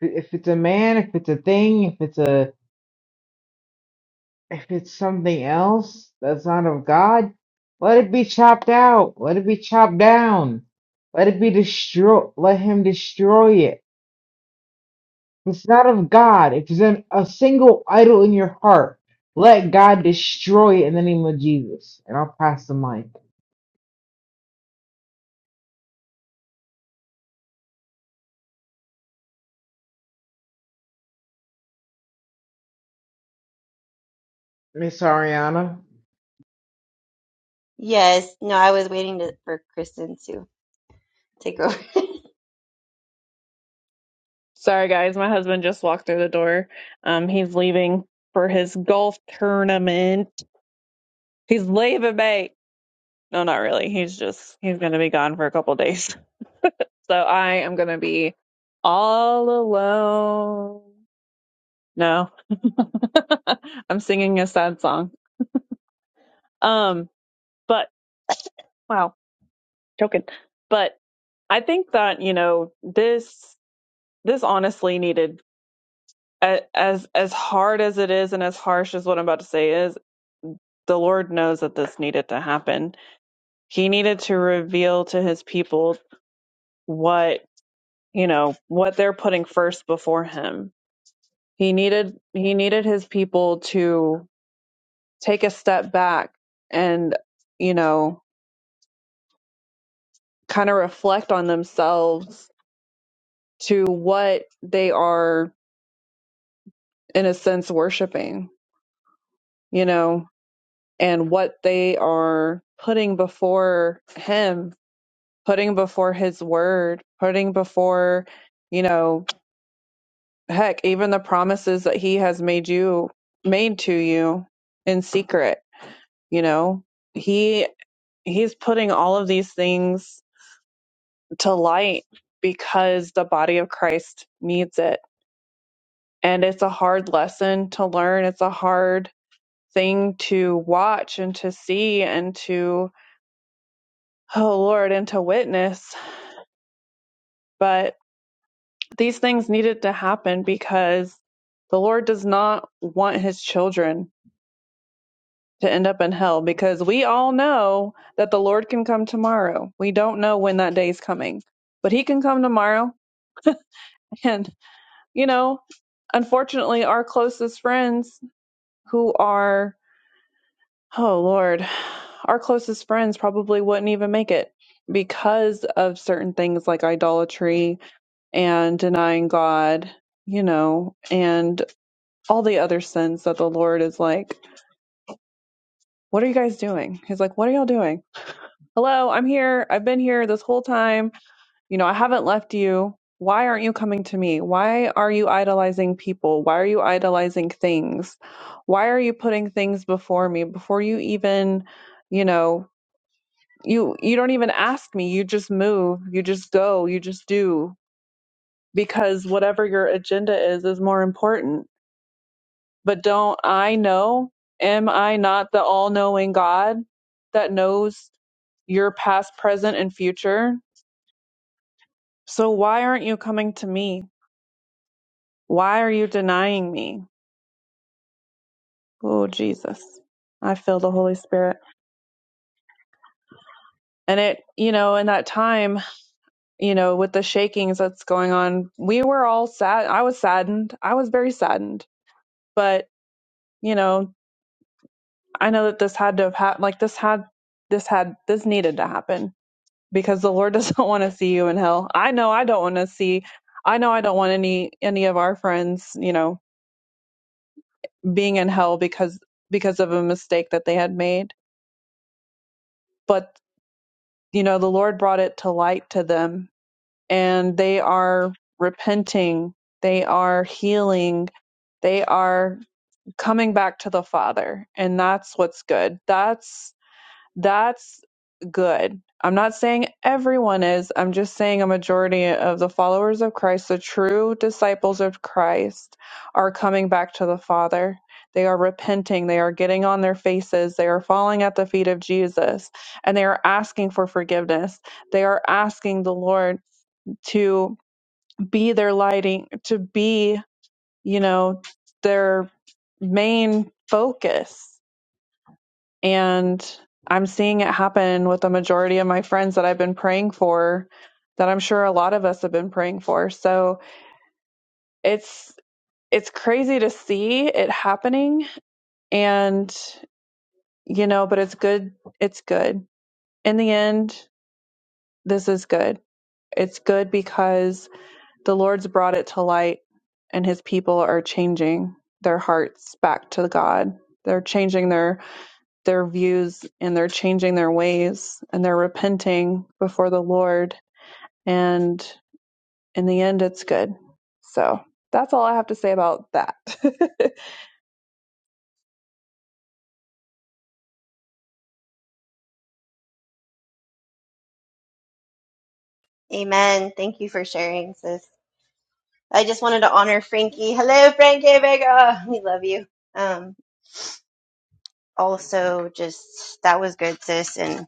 If it's a man, if it's a thing, if it's a if it's something else that's not of God, let it be chopped out. Let it be chopped down. Let it be destroyed. Let him destroy it If it's not of God, if there's an, a single idol in your heart, let God destroy it in the name of Jesus. And I'll pass the mic. Miss Ariana. Yes. No, I was waiting to, for Kristen to take over. Sorry, guys. My husband just walked through the door. Um, he's leaving for his golf tournament. He's leaving, mate. No, not really. He's just he's gonna be gone for a couple days. So I am gonna be all alone. No, I'm singing a sad song. Um, but wow, joking. But I think that you know this this honestly needed a- as as hard as it is and as harsh as what I'm about to say is, the Lord knows that this needed to happen. He needed to reveal to his people what, you know, what they're putting first before him. He needed he needed his people to take a step back and, you know, kind of reflect on themselves to what they are in a sense worshiping, you know, and what they are putting before him putting before his word, putting before, you know, heck, even the promises that he has made you made to you in secret, you know. He he's putting all of these things to light because the body of Christ needs it. And it's a hard lesson to learn. It's a hard thing to watch and to see and to oh Lord and to witness. But These things needed to happen because the Lord does not want his children to end up in hell because we all know that the Lord can come tomorrow. We don't know when that day is coming, but he can come tomorrow. And, you know, unfortunately, our closest friends who are, oh Lord, our closest friends probably wouldn't even make it because of certain things like idolatry and denying God, you know, and all the other sins that the Lord is like, What are you guys doing? He's like, What are y'all doing? Hello, I'm here. I've been here this whole time. You know, I haven't left you. Why aren't you coming to me? Why are you idolizing people? Why are you idolizing things? Why are you putting things before me before you even, you know, you you don't even ask me. You just move. You just go. You just do because whatever your agenda is is more important But don't I know? Am I not the all knowing God that knows your past, present, and future? So why aren't you coming to me? Why are you denying me? Oh, Jesus. I feel the Holy Spirit. And it, you know, in that time, you know, with the shakings that's going on, we were all sad. I was saddened. I was very saddened. But, you know, I know that this had to have happened. Like this had, this had, this needed to happen because the Lord doesn't want to see you in hell. I know I don't want to see I know I don't want any any of our friends, you know, being in hell because because of a mistake that they had made. But, you know, the Lord brought it to light to them and they are repenting, they are healing, they are coming back to the Father, and that's what's good. That's That's good. I'm not saying everyone is. I'm just saying a majority of the followers of Christ, the true disciples of Christ, are coming back to the Father. They are repenting. They are getting on their faces. They are falling at the feet of Jesus and they are asking for forgiveness. They are asking the Lord to be their lighting, to be, you know, their main focus and I'm seeing it happen with the majority of my friends that I've been praying for, that I'm sure a lot of us have been praying for. So it's it's crazy to see it happening and you know, but it's good it's good. In the end, this is good. It's good because the Lord's brought it to light and his people are changing their hearts back to God. They're changing their their views and they're changing their ways and they're repenting before the Lord. And in the end, it's good. So that's all I have to say about that. Amen. Thank you for sharing, sis. I just wanted to honor Frankie. Hello, Frankie Vega. We love you. Um, also, just that was good, sis, and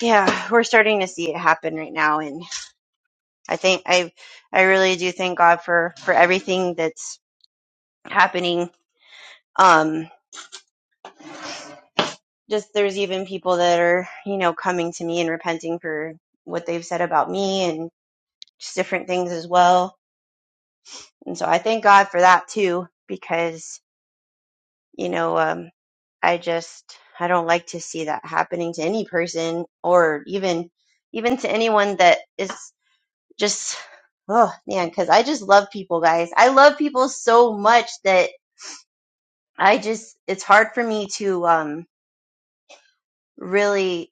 yeah we're starting to see it happen right now and i think i i really do thank god for for everything that's happening um just there's even people that are you know coming to me and repenting for what they've said about me and just different things as well and so i thank god for that too because you know um i just i don't like to see that happening to any person or even even to anyone that is just oh man because i just love people guys i love people so much that i just it's hard for me to um really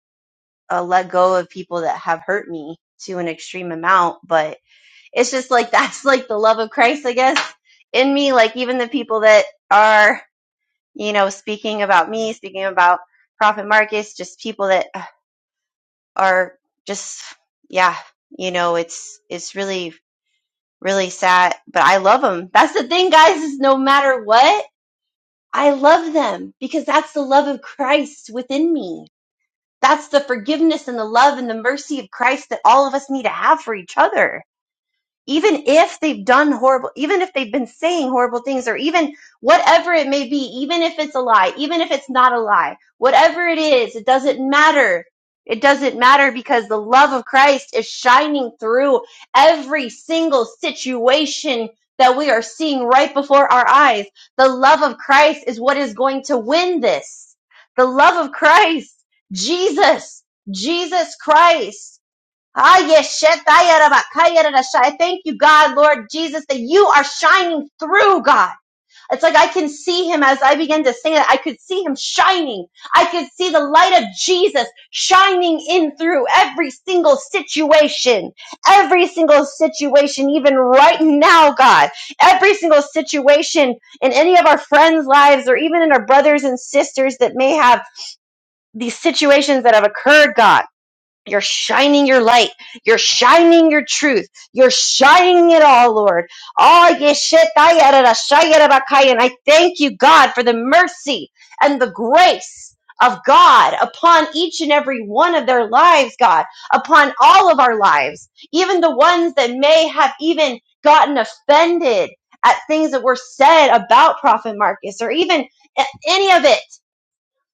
uh, let go of people that have hurt me to an extreme amount but it's just like that's like the love of christ i guess in me like even the people that are you know speaking about me speaking about prophet marcus just people that uh, are just yeah you know it's it's really really sad, but I love them. That's the thing, guys, is no matter what, I love them because that's the love of Christ within me. That's the forgiveness and the love and the mercy of Christ that all of us need to have for each other even if they've done horrible, even if they've been saying horrible things, or even whatever it may be, even if it's a lie, even if it's not a lie, whatever it is, it doesn't matter. It doesn't matter because the love of Christ is shining through every single situation that we are seeing right before our eyes. The love of Christ is what is going to win this. The love of Christ, Jesus, Jesus Christ. Ah, yes, I thank you, God, Lord Jesus, that you are shining through, God. It's like I can see him as I began to sing it. I could see him shining. I could see the light of Jesus shining in through every single situation, every single situation, even right now, God, every single situation in any of our friends' lives or even in our brothers and sisters that may have these situations that have occurred, God. You're shining your light. You're shining your truth. You're shining it all, Lord. Ah, yeshetayarashayarabakaya. And I thank you, God, for the mercy and the grace of God upon each and every one of their lives, God, upon all of our lives, even the ones that may have even gotten offended at things that were said about Prophet Marcus or even any of it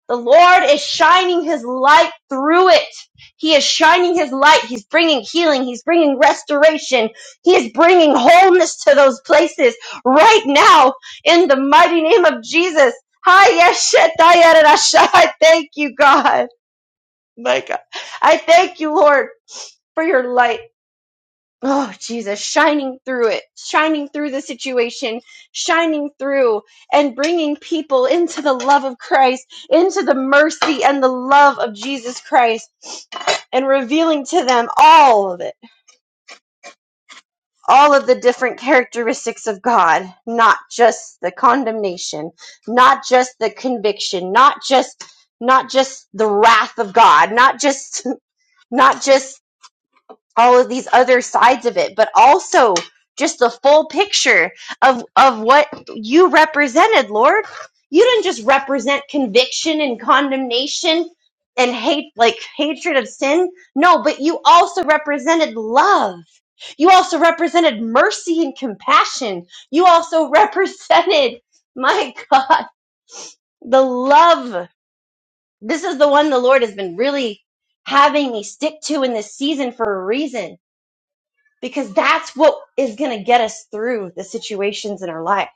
the Lord is shining His light through it. He is shining His light. He's bringing healing. He's bringing restoration. He is bringing wholeness to those places right now in the mighty name of Jesus. Hi, yes, shit, I I thank you, God. My God. I thank you, Lord, for your light oh jesus shining through it shining through the situation shining through and bringing people into the love of christ into the mercy and the love of jesus christ and revealing to them all of it all of the different characteristics of god not just the condemnation not just the conviction not just not just the wrath of god not just not just all of these other sides of it, but also just the full picture of of what you represented, Lord. You didn't just represent conviction and condemnation and hate like hatred of sin. No, but you also represented love. You also represented mercy and compassion. You also represented my God, the love. This is the one the Lord has been really having me stick to in this season for a reason because that's what is going to get us through the situations in our life.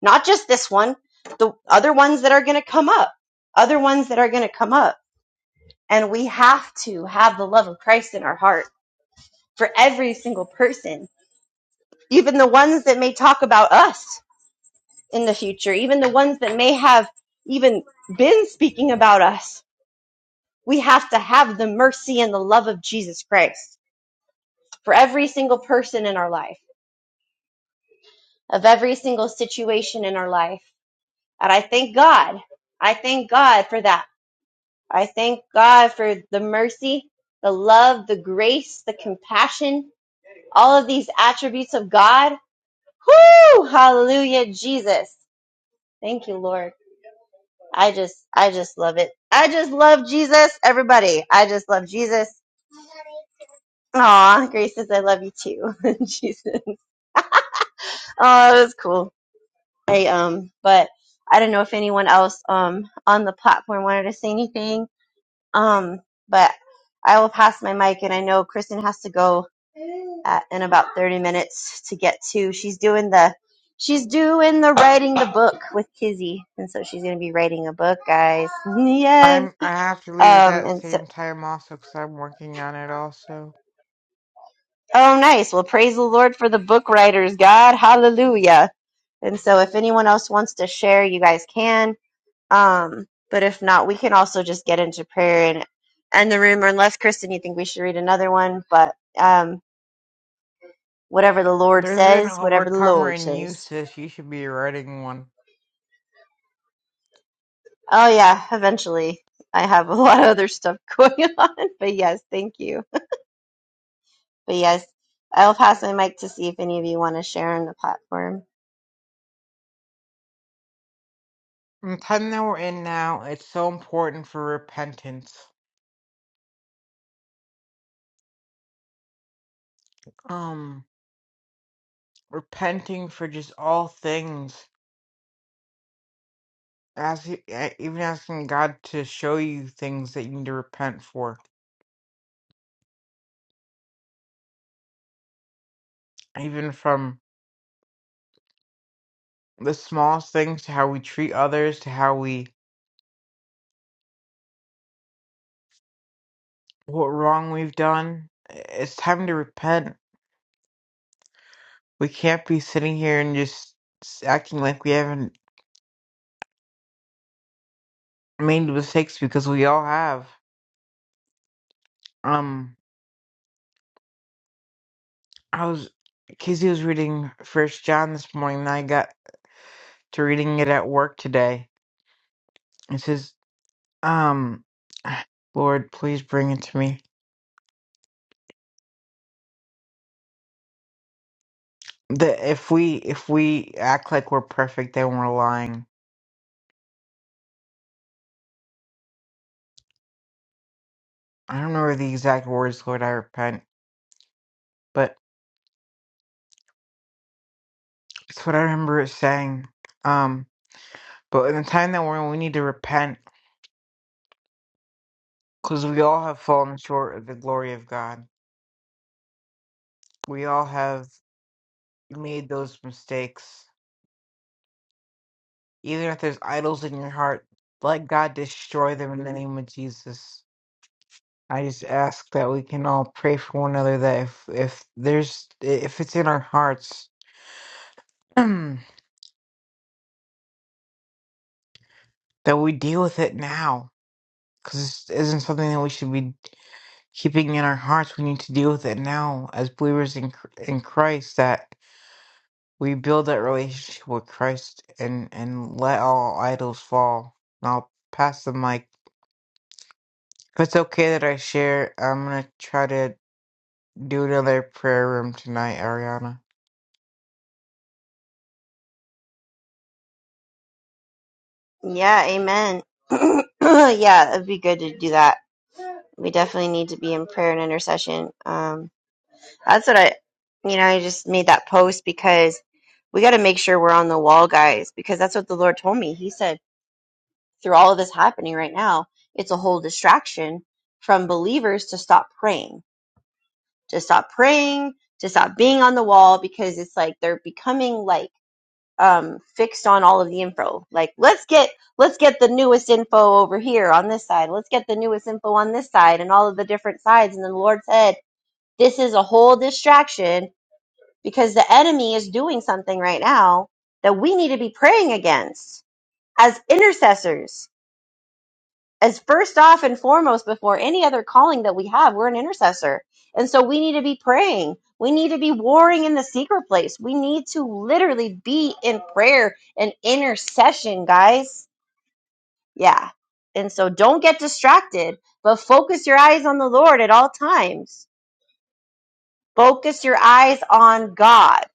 Not just this one, the other ones that are going to come up, other ones that are going to come up. And we have to have the love of Christ in our heart for every single person, even the ones that may talk about us in the future, even the ones that may have even been speaking about us. We have to have the mercy and the love of Jesus Christ for every single person in our life, of every single situation in our life And I thank God. I thank God for that. I thank God for the mercy, the love, the grace, the compassion, all of these attributes of God. Whoo! Hallelujah, Jesus. Thank you, Lord. I just, I just love it. I just love Jesus, everybody. I just love Jesus. Aw, Grace says I love you too. Jesus. Oh, that was cool. I um, but I don't know if anyone else um on the platform wanted to say anything Um, but I will pass my mic, and I know Kristen has to go at, in about thirty minutes to get to. She's doing the she's doing the writing the book with Kizzy, and so she's going to be writing a book, guys. yes. I'm I have to leave at Um, that and so same time also because I'm working on it also. oh, nice. Well, praise the Lord for the book writers, God, hallelujah. And so, if anyone else wants to share, you guys can. Um, but if not, we can also just get into prayer and end the room, or unless Kristen, you think we should read another one, but um. whatever the Lord There's an says, whatever the overcomer Lord in you, says. sis. You should be writing one. Oh yeah, eventually. I have a lot of other stuff going on, but yes, thank you. But yes, I'll pass my mic to see if any of you want to share on the platform. In the time that we're in now, it's so important for repentance. Um, repenting for just all things, as eh, even asking God to show you things that you need to repent for. even from the smallest things to how we treat others to how we what wrong we've done it's time to repent we can't be sitting here and just s- acting like we haven't made mistakes because we all have um i was kizzy was reading first john this morning and i got to reading it at work today it says um lord please bring it to me that if we if we act like we're perfect then we're lying I don't remember the exact words, Lord, I repent, but it's what I remember it saying. Um, but in the time that we're in, we need to repent because we all have fallen short of the glory of God. We all have made those mistakes. Even if there's idols in your heart, let God destroy them in the name of Jesus. I just ask that we can all pray for one another that if, if there's if it's in our hearts that we deal with it now because this isn't something that we should be. keeping in our hearts. We need to deal with it now as believers in in Christ that we build that relationship with Christ and and let all idols fall. And I'll pass the mic. If it's okay that I share, I'm gonna try to do another prayer room tonight, Ariana. Yeah, amen. yeah, it'd be good to do that. We definitely need to be in prayer and intercession. Um, that's what I, you know, I just made that post because we got to make sure we're on the wall, guys, because that's what the Lord told me. He said, through all of this happening right now, it's a whole distraction from believers to stop praying, to stop praying, to stop being on the wall because it's like they're becoming like um fixed on all of the info. Like let's get let's get the newest info over here on this side. Let's get the newest info on this side and all of the different sides and then the Lord said, this is a whole distraction because the enemy is doing something right now that we need to be praying against as intercessors as first off and foremost before any other calling that we have we're an intercessor and so we need to be praying we need to be warring in the secret place we need to literally be in prayer and intercession guys yeah and so don't get distracted but focus your eyes on the lord at all times focus your eyes on god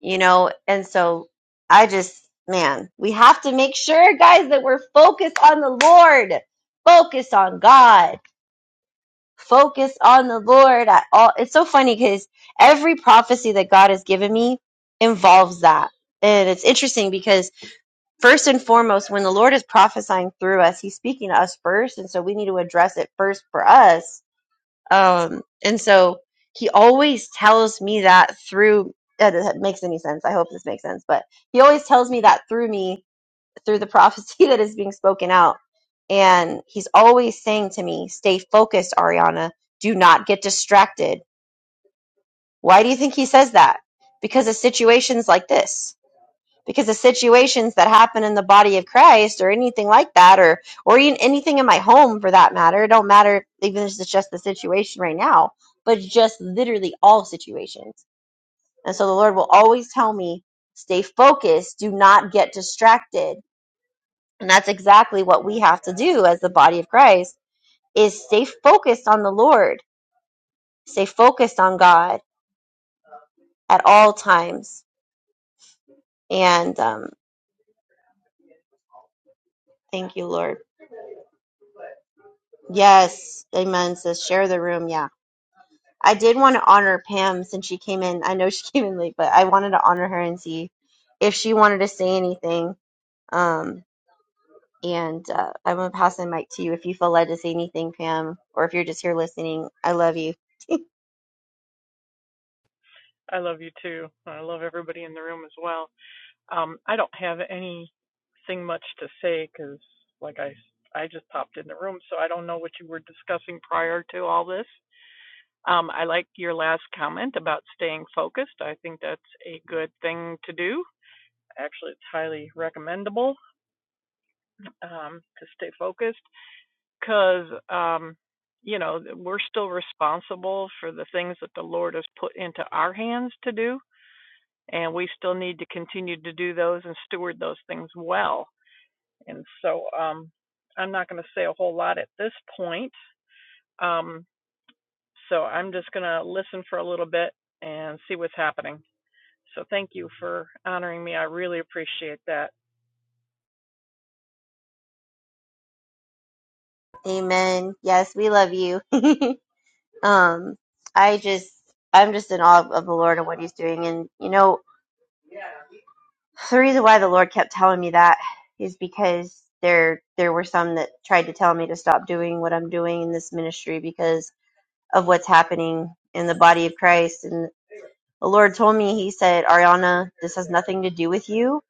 you know and so i just man we have to make sure guys that we're focused on the lord focus on god Focus on the Lord at all. It's so funny because every prophecy that God has given me involves that. And it's interesting because first and foremost, when the Lord is prophesying through us, he's speaking to us first. And so we need to address it first for us. Um, and so he always tells me that through, uh, that makes any sense. I hope this makes sense, but he always tells me that through me, through the prophecy that is being spoken out and he's always saying to me, stay focused, Ariana. Do not get distracted. Why do you think he says that? Because of situations like this. Because of situations that happen in the body of Christ or anything like that or or even anything in my home for that matter. It don't matter even if it's just the situation right now, but just literally all situations. And so the Lord will always tell me, stay focused, do not get distracted. And that's exactly what we have to do as the body of Christ is stay focused on the Lord, stay focused on God at all times. And um, thank you, Lord. Yes, amen. Says share the room. Yeah. I did want to honor Pam since she came in. I know she came in late, but I wanted to honor her and see if she wanted to say anything. Um, and uh, I'm going to pass the mic to you if you feel led to say anything, Pam, or if you're just here listening. I love you. I love you too. I love everybody in the room as well. Um, I don't have anything much to say because, like I I just popped in the room, so I don't know what you were discussing prior to all this. Um, I like your last comment about staying focused. I think that's a good thing to do. Actually, it's highly recommendable um, to stay focused because, um, you know, we're still responsible for the things that the Lord has put into our hands to do and we still need to continue to do those and steward those things well. And so um, I'm not going to say a whole lot at this point. Um, so I'm just going to listen for a little bit and see what's happening. So thank you for honoring me. I really appreciate that. Amen. Yes, we love you. Um, I just, I'm just in awe of the Lord and what He's doing. And you know, the reason why the Lord kept telling me that is because there, there were some that tried to tell me to stop doing what I'm doing in this ministry because of what's happening in the body of Christ. And the Lord told me, He said, Ariana, this has nothing to do with you,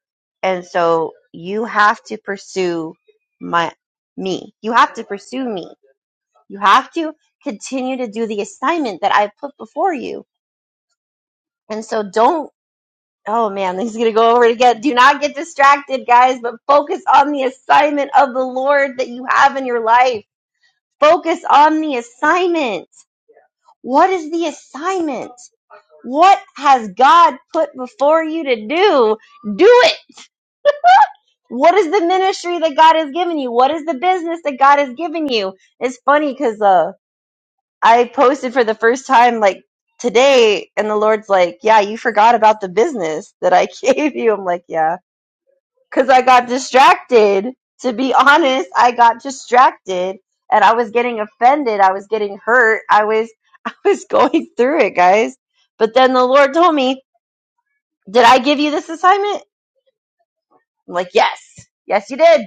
and so you have to pursue my me. You have to pursue me. You have to continue to do the assignment that i put before you And so don't, oh man, he's going to go over it again. Do not get distracted, guys, but focus on the assignment of the Lord that you have in your life. Focus on the assignment. What is the assignment? What has God put before you to do? Do it. What is the ministry that God has given you? What is the business that God has given you? It's funny because uh, I posted for the first time like today, and the Lord's like, Yeah, you forgot about the business that I gave you. I'm like, Yeah because I got distracted. To be honest, I got distracted and I was getting offended. I was getting hurt. I was I was going through it, guys. But then the Lord told me, "Did I give you this assignment?" I'm like, "Yes. Yes, you did.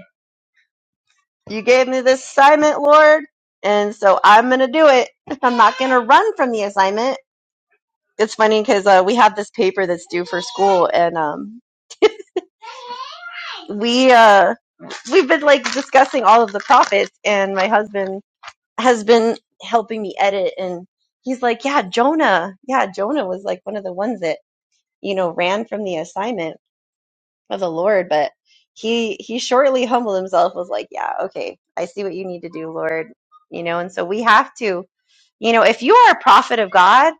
You gave me this assignment, Lord." And so I'm going to do it. I'm not going to run from the assignment. It's funny cuz uh, we have this paper that's due for school and um we uh we've been like discussing all of the prophets and my husband has been helping me edit and he's like yeah jonah yeah jonah was like one of the ones that you know ran from the assignment of the lord but he he shortly humbled himself was like yeah okay i see what you need to do lord you know and so we have to you know if you are a prophet of god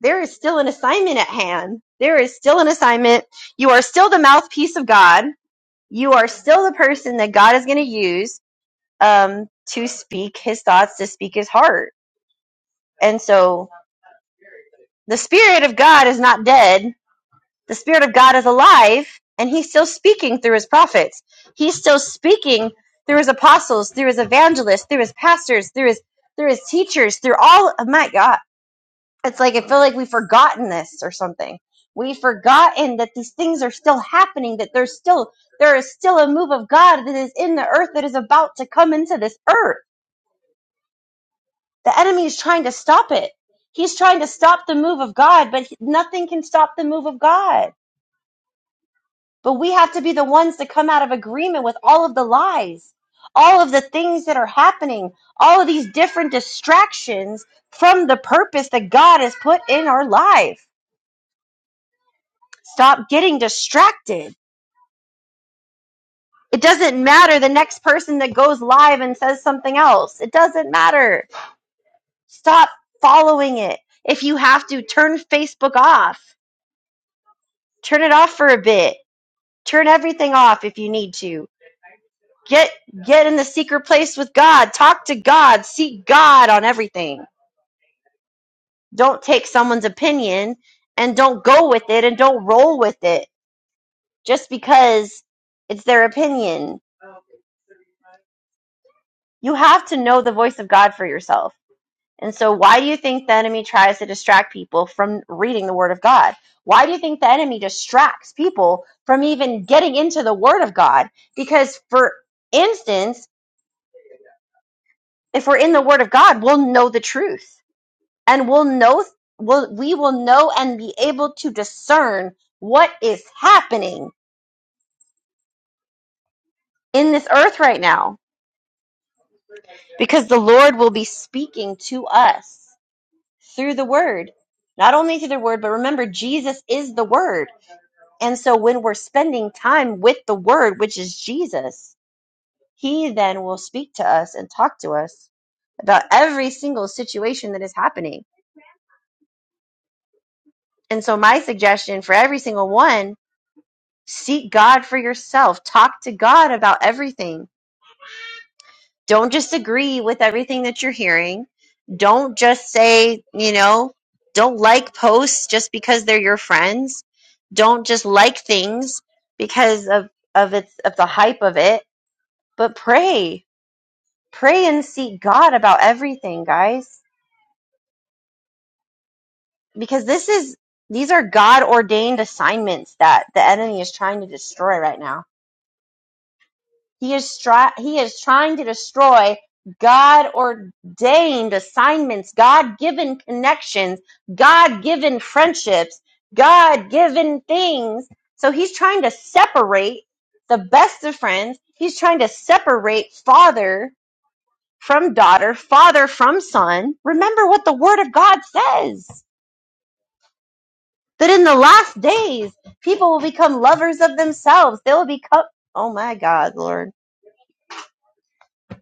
there is still an assignment at hand there is still an assignment you are still the mouthpiece of god you are still the person that god is going to use um to speak his thoughts to speak his heart and so the Spirit of God is not dead. The Spirit of God is alive, and He's still speaking through His prophets. He's still speaking through His apostles, through His evangelists, through His pastors, through His through His teachers, through all. of my God, it's like I feel like we've forgotten this or something. We've forgotten that these things are still happening. That there's still there is still a move of God that is in the earth that is about to come into this earth The enemy is trying to stop it. He's trying to stop the move of God, but he- nothing can stop the move of God. But we have to be the ones to come out of agreement with all of the lies, all of the things that are happening, all of these different distractions from the purpose that God has put in our life. Stop getting distracted. It doesn't matter the next person that goes live and says something else. It doesn't matter. Stop following it. If you have to, turn Facebook off turn it off for a bit turn everything off if you need to get get in the secret place with god talk to god seek god on everything don't take someone's opinion and don't go with it and don't roll with it just because it's their opinion you have to know the voice of god for yourself and so why do you think the enemy tries to distract people from reading the word of god why do you think the enemy distracts people from even getting into the word of god because for instance if we're in the word of god we'll know the truth and we'll know we'll, we will know and be able to discern what is happening in this earth right now because the lord will be speaking to us through the word not only through the word but remember jesus is the word and so when we're spending time with the word which is jesus he then will speak to us and talk to us about every single situation that is happening and so my suggestion for every single one Seek God for yourself. Talk to God about everything. Don't just agree with everything that you're hearing. Don't just say, you know, don't like posts just because they're your friends. Don't just like things because of of its of the hype of it, but pray. Pray and seek God about everything, guys, because this is these are God ordained assignments that the enemy is trying to destroy right now He is stri- he is trying to destroy God ordained assignments, God given connections, God given friendships, God given things. So he's trying to separate the best of friends. He's trying to separate father from daughter, father from son. Remember what the word of God says that in the last days, people will become lovers of themselves. They will become, oh my God, Lord.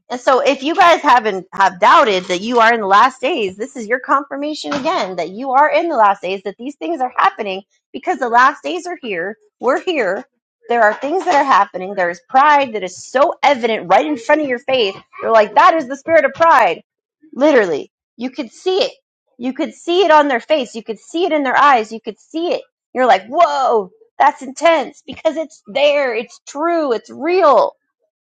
And so if you guys haven't have doubted that you are in the last days, this is your confirmation again that you are in the last days, that these things are happening because the last days are here. We're here. There are things that are happening. There is pride that is so evident right in front of your face. You're like, that is the spirit of pride. Literally. You could see it. You could see it on their face. You could see it in their eyes. You could see it. You're like, whoa, that's intense because it's there. It's true. It's real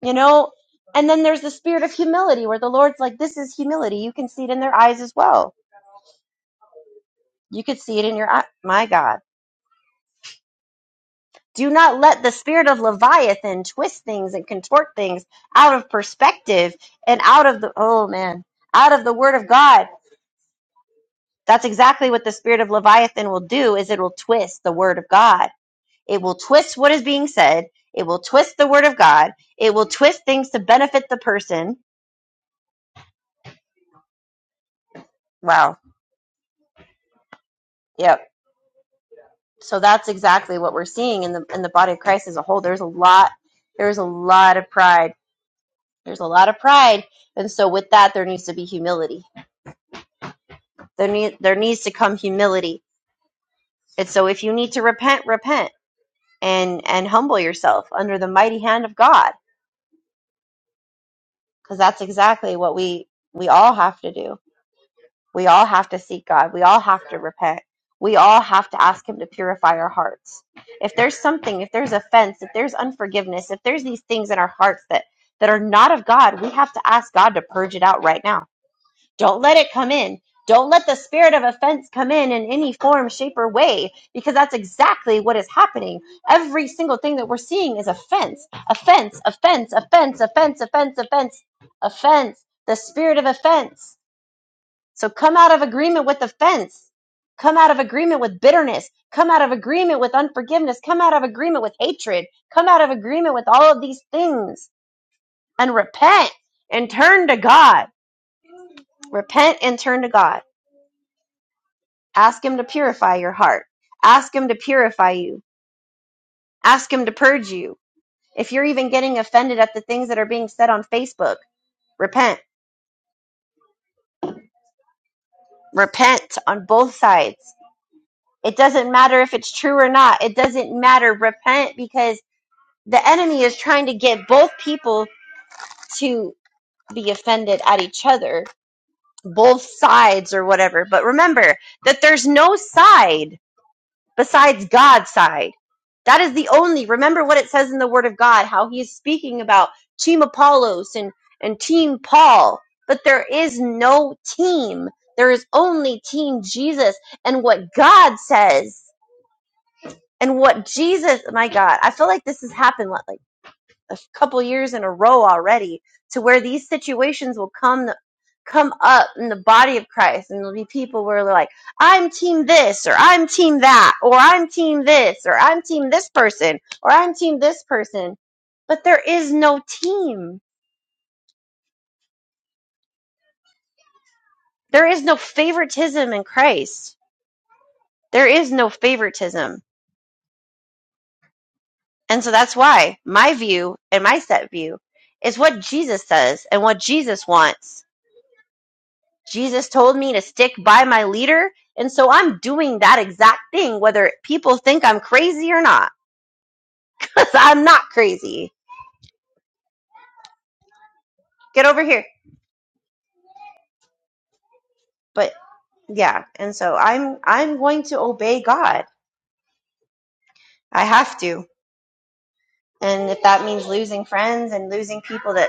you know and then there's the spirit of humility where the lord's like this is humility you can see it in their eyes as well you could see it in your eye my god do not let the spirit of leviathan twist things and contort things out of perspective and out of the oh man out of the word of god that's exactly what the spirit of leviathan will do is it will twist the word of god it will twist what is being said it will twist the word of god it will twist things to benefit the person wow yep so that's exactly what we're seeing in the in the body of Christ as a whole. There's a lot there's a lot of pride. There's a lot of pride. And so with that there needs to be humility. There need there needs to come humility. And so if you need to repent, repent and and humble yourself under the mighty hand of God because that's exactly what we we all have to do We all have to seek God. We all have to repent. We all have to ask Him to purify our hearts. If there's something, if there's offense, if there's unforgiveness, if there's these things in our hearts that, that are not of God, we have to ask God to purge it out right now. Don't let it come in. Don't let the spirit of offense come in in any form, shape, or way, because that's exactly what is happening. Every single thing that we're seeing is offense, offense, offense, offense, offense, offense, offense, offense, the spirit of offense so come out of agreement with offense. Come out of agreement with bitterness. Come out of agreement with unforgiveness. Come out of agreement with hatred. Come out of agreement with all of these things and repent and turn to God. Repent and turn to God. Ask Him to purify your heart. Ask Him to purify you. Ask Him to purge you. If you're even getting offended at the things that are being said on Facebook, repent. Repent on both sides. It doesn't matter if it's true or not. It doesn't matter. Repent because the enemy is trying to get both people to be offended at each other, both sides or whatever. But remember that there's no side besides God's side. That is the only. Remember what it says in the Word of God, how he is speaking about Team Apollos and, and Team Paul. But there is no team. There is only Team Jesus and what God says and what Jesus, my God, I feel like this has happened lately A couple years in a row already to where these situations will come come up in the body of Christ and there'll be people where they're like I'm team this or I'm team that or I'm team this or I'm team this person or I'm team this person but there is no team there is no favoritism in Christ there is no favoritism and so that's why my view and my set view is what Jesus says and what Jesus wants Jesus told me to stick by my leader. And so I'm doing that exact thing, whether people think I'm crazy or not, because I'm not crazy. Get over here. But yeah, and so I'm I'm going to obey God. I have to. And if that means losing friends and losing people that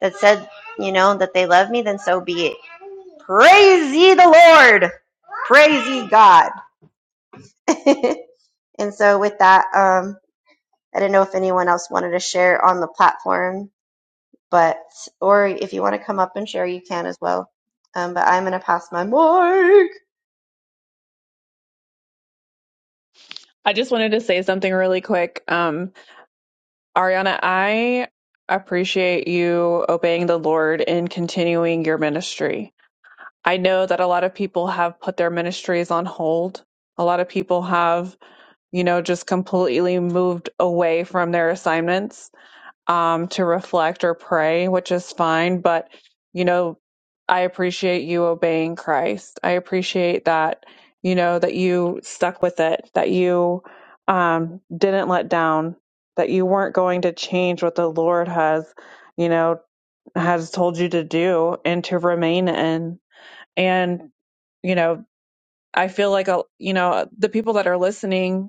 that said, you know, that they love me, then so be it. Praise ye the Lord. Praise ye God. and so with that, um, I didn't know if anyone else wanted to share on the platform but or if you want to come up and share, you can as well. Um, but I'm gonna pass my mic. I just wanted to say something really quick. Um, Ariana, I appreciate you obeying the Lord and continuing your ministry. I know that a lot of people have put their ministries on hold. A lot of people have, you know, just completely moved away from their assignments um, to reflect or pray, which is fine. But, you know, I appreciate you obeying Christ. I appreciate that, you know, that you stuck with it, that you um, didn't let down, that you weren't going to change what the Lord has, you know, has told you to do and to remain in. And, you know, I feel like, a, you know, the people that are listening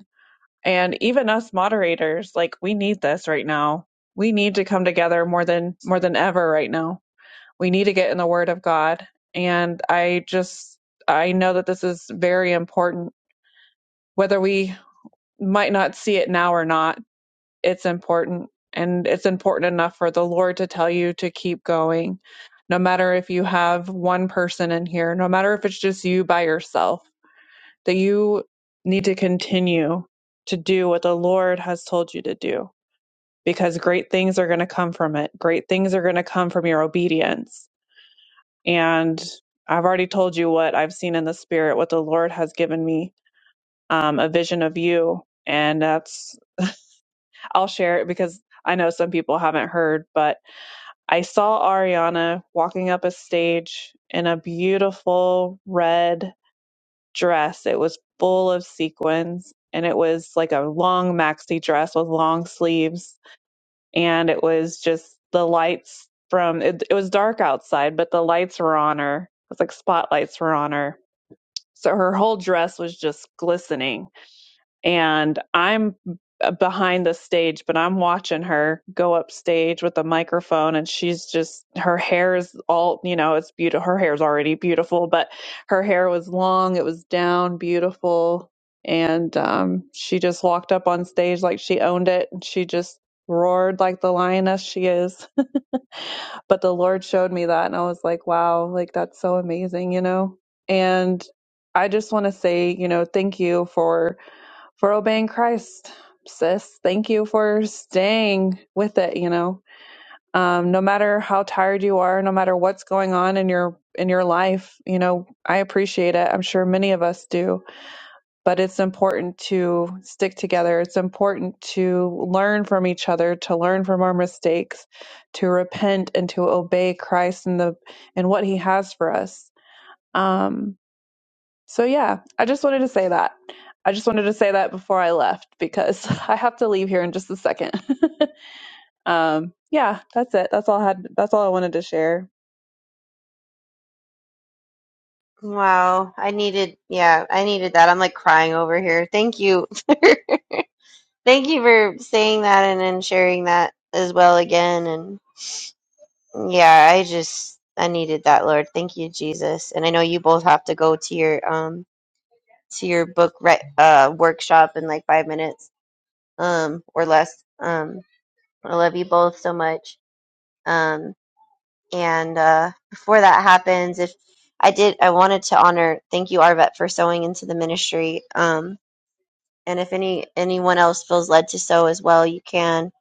and even us moderators like we need this right now we need to come together more than more than ever right now we need to get in the word of god and i just i know that this is very important whether we might not see it now or not it's important and it's important enough for the lord to tell you to keep going no matter if you have one person in here no matter if it's just you by yourself that you need to continue to do what the lord has told you to do because great things are going to come from it. Great things are going to come from your obedience. And I've already told you what I've seen in the spirit, what the Lord has given me, um, a vision of you. And that's, I'll share it because I know some people haven't heard, but I saw Ariana walking up a stage in a beautiful red dress. It was full of sequins and it was like a long maxi dress with long sleeves and it was just the lights from it, it was dark outside but the lights were on her it was like spotlights were on her so her whole dress was just glistening and I'm behind the stage, but I'm watching her go up stage with a microphone, and she's just her hair is all you know, it's beautiful. Her hair's already beautiful, but her hair was long, it was down, beautiful, and um, she just walked up on stage like she owned it, and she just roared like the lioness she is. but the Lord showed me that, and I was like, wow, like that's so amazing, you know, and. I just want to say, you know, thank you for for obeying Christ, sis. Thank you for staying with it, you know. Um, no matter how tired you are, no matter what's going on in your in your life, you know, I appreciate it. I'm sure many of us do, but it's important to stick together. It's important to learn from each other, to learn from our mistakes, to repent and to obey Christ and the and what he has for us. Um, so yeah, I just wanted to say that. I just wanted to say that before I left because I have to leave here in just a second. um, yeah, that's it. That's all I had. That's all I wanted to share. Wow, I needed, yeah, I needed that. I'm like crying over here. Thank you, thank you for saying that and then sharing that as well again. And yeah, I just I needed that, Lord. Thank you, Jesus. And I know you both have to go to your um to your book re- uh workshop in like five minutes um or less. Um, I love you both so much. Um, And uh, before that happens, if I did, I wanted to honor. Thank you, Arvet, for sewing into the ministry. Um, and if any anyone else feels led to sew as well, you can.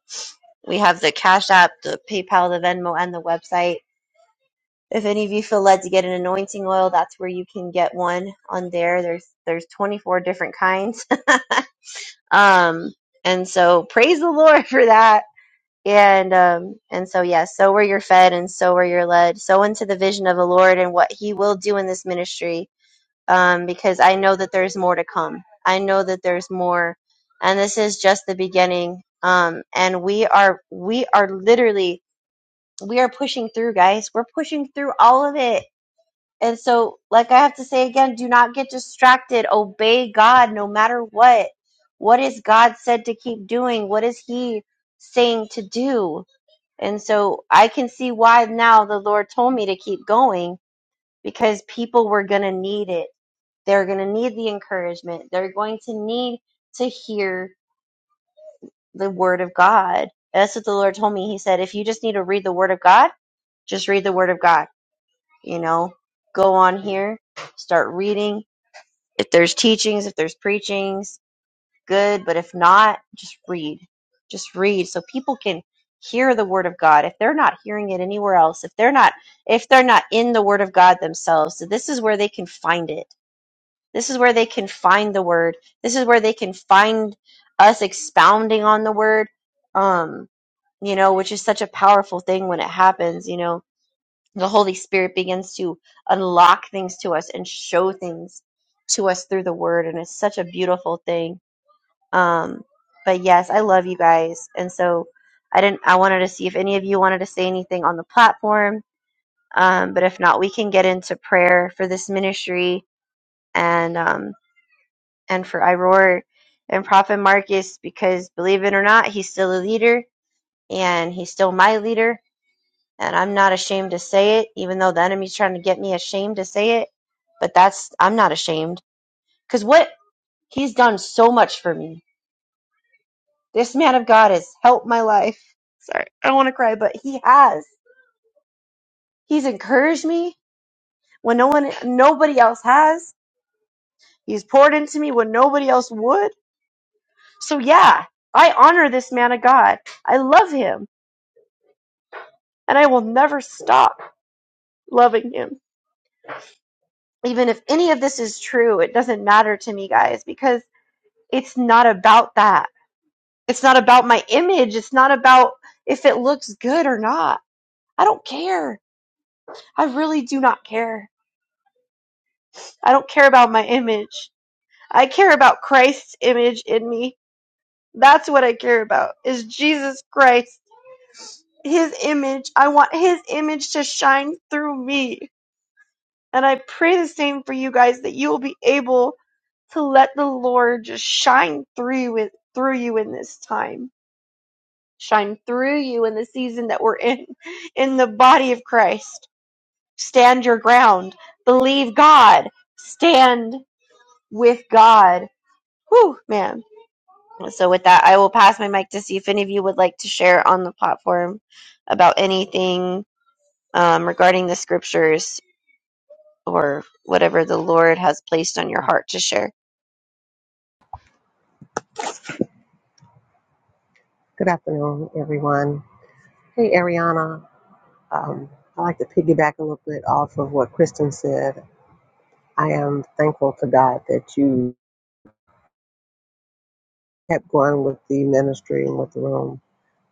We have the Cash App, the PayPal, the Venmo, and the website. If any of you feel led to get an anointing oil, that's where you can get one on there. There's there's 24 different kinds. um, and so praise the Lord for that and um and so yeah, so where you're fed and so where you're led. So into the vision of the Lord and what he will do in this ministry. Um, because I know that there's more to come. I know that there's more and this is just the beginning. Um and we are we are literally we are pushing through, guys. We're pushing through all of it. And so like I have to say again, do not get distracted. Obey God no matter what. What is God said to keep doing? What is he saying to do? And so I can see why now the Lord told me to keep going because people were going to need it. They're going to need the encouragement. They're going to need to hear the word of God. That's what the Lord told me. He said, if you just need to read the word of God, just read the word of God. You know, go on here, start reading. If there's teachings, if there's preachings, good, but if not, just read. Just read so people can hear the word of God. If they're not hearing it anywhere else, if they're not if they're not in the word of God themselves, so this is where they can find it. This is where they can find the word. This is where they can find us expounding on the word. Um, you know, which is such a powerful thing when it happens, you know. The Holy Spirit begins to unlock things to us and show things to us through the word and it's such a beautiful thing um, but yes, I love you guys, and so I didn't. I wanted to see if any of you wanted to say anything on the platform, um, but if not, we can get into prayer for this ministry and um, and for Iroar and Prophet Marcus, because believe it or not, he's still a leader, and he's still my leader, and I'm not ashamed to say it, even though the enemy's trying to get me ashamed to say it. But that's I'm not ashamed because what he's done so much for me This man of God has helped my life. Sorry, I don't want to cry, but he has. He's encouraged me when no one, nobody else has. He's poured into me when nobody else would. So yeah, I honor this man of God. I love him, and I will never stop loving him. Even if any of this is true, it doesn't matter to me, guys, because it's not about that. It's not about my image. It's not about if it looks good or not. I don't care. I really do not care I don't care about my image. I care about Christ's image in me. That's what I care about is Jesus Christ. His image. I want his image to shine through me. And I pray the same for you guys that you will be able to let the Lord just shine through you in- through you in this time. Shine through you in the season that we're in in the body of Christ. Stand your ground. Believe God. Stand with God. Whew, man So, with that, I will pass my mic to see if any of you would like to share on the platform about anything um, regarding the scriptures or whatever the Lord has placed on your heart to share. Good afternoon, everyone. Hey, Ariana. Um, I like to piggyback a little bit off of what Kristen said. I am thankful to God that you kept going with the ministry and with the room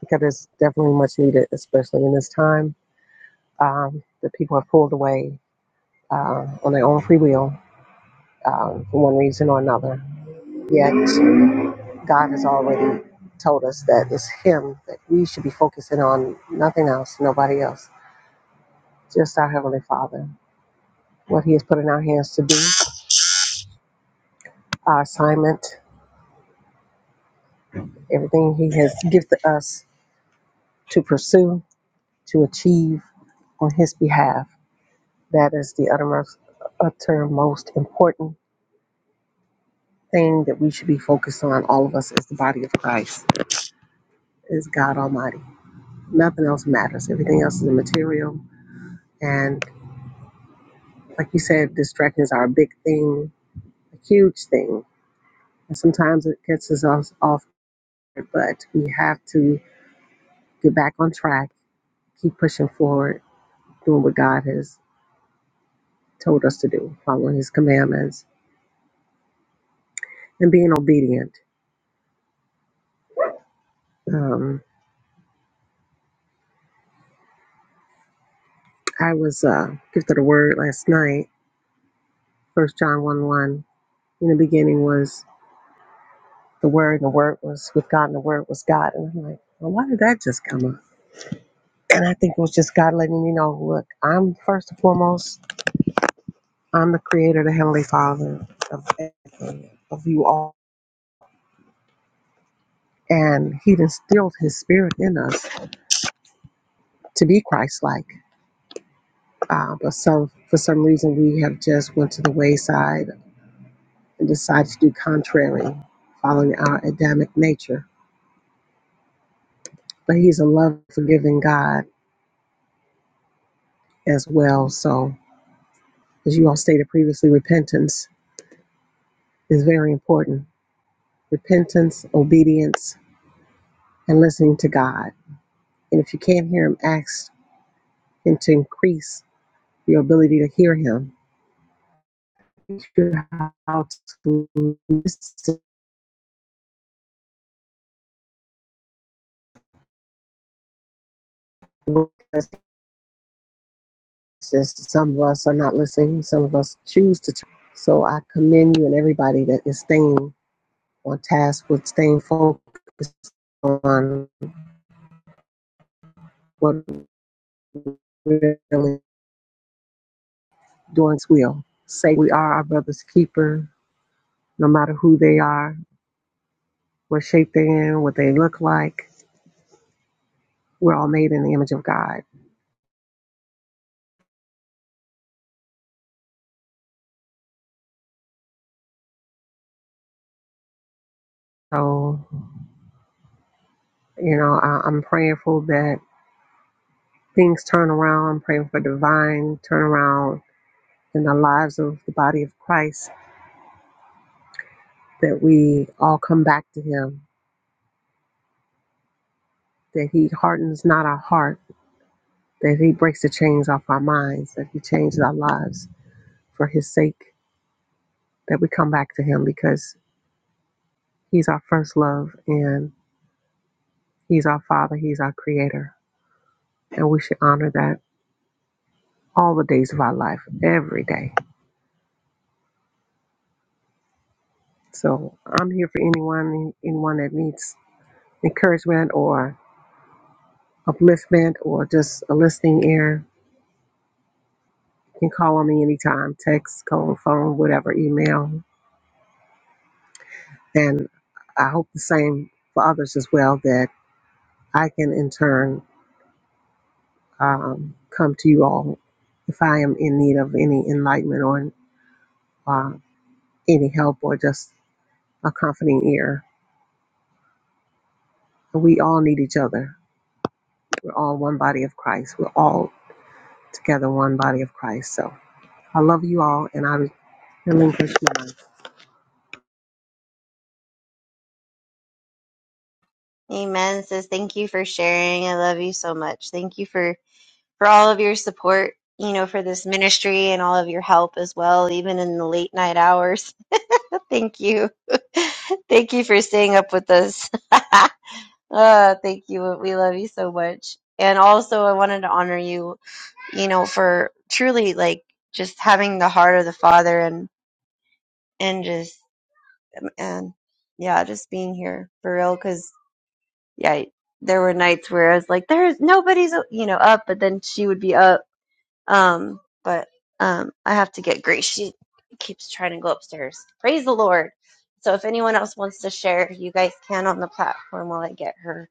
because it's definitely much needed, especially in this time. Um, the people have pulled away uh, on their own free will um, for one reason or another. Yet, God has already told us that it's Him that we should be focusing on, nothing else, nobody else, just our Heavenly Father what He has put in our hands to do, our assignment, everything He has gifted us to pursue, to achieve on His behalf. That is the uttermost, uttermost important thing that we should be focused on, all of us as the body of Christ, is God Almighty. Nothing else matters. Everything else is immaterial. And like you said, distractions are a big thing, a huge thing. And sometimes it gets us off, off but we have to get back on track, keep pushing forward doing what God has told us to do, following His commandments and being obedient. Um, I was uh, gifted a word last night, First John 1 1. In the beginning was the Word, and the Word was with God, and the Word was God. And I'm like, well, why did that just come up? And I think it was just God letting me know, look, I'm first and foremost, I'm the creator, the Heavenly Father of everything, of you all. And He instilled His Spirit in us to be Christ like. Uh, but some for some reason we have just went to the wayside and decided to do contrary, following our Adamic nature. But He's a love forgiving God as well. So as you all stated previously, repentance is very important. Repentance, obedience, and listening to God. And if you can't hear Him, ask Him to increase your ability to hear Him. Teach you how to listen because Just some of us are not listening. Some of us choose to. Turn. So I commend you and everybody that is staying on task with staying focused on what we really doing its will. Say we are our brother's keeper, no matter who they are, what shape they're in, what they look like. We're all made in the image of God. So, you know, I, I'm praying for that things turn around. I'm praying for divine turnaround in the lives of the body of Christ that we all come back to him, that he hardens not our heart, that he breaks the chains off our minds, that he changes our lives for his sake, that we come back to him because he's our first love and he's our father, he's our creator. And we should honor that all the days of our life, every day. So I'm here for anyone, anyone that needs encouragement or upliftment or just a listening ear. You can call on me anytime, text, call, phone, whatever, email. And I hope the same for others as well that I can in turn um, come to you all if I am in need of any enlightenment or uh, any help or just a comforting ear. We all need each other. We're all one body of Christ. We're all together one body of Christ. So I love you all and I relinquish my Amen. Says thank you for sharing. I love you so much. Thank you for for all of your support. You know, for this ministry and all of your help as well, even in the late night hours. thank you. thank you for staying up with us. Ah, thank you. We love you so much. And also, I wanted to honor you you know, for truly like just having the heart of the Father and and just um, and yeah, just being here for real. Because yeah, there were nights where I was like, there's nobody's you know up, but then she would be up. Um, but um, I have to get Grace. She keeps trying to go upstairs. Praise the Lord. So if anyone else wants to share, you guys can on the platform while I get her.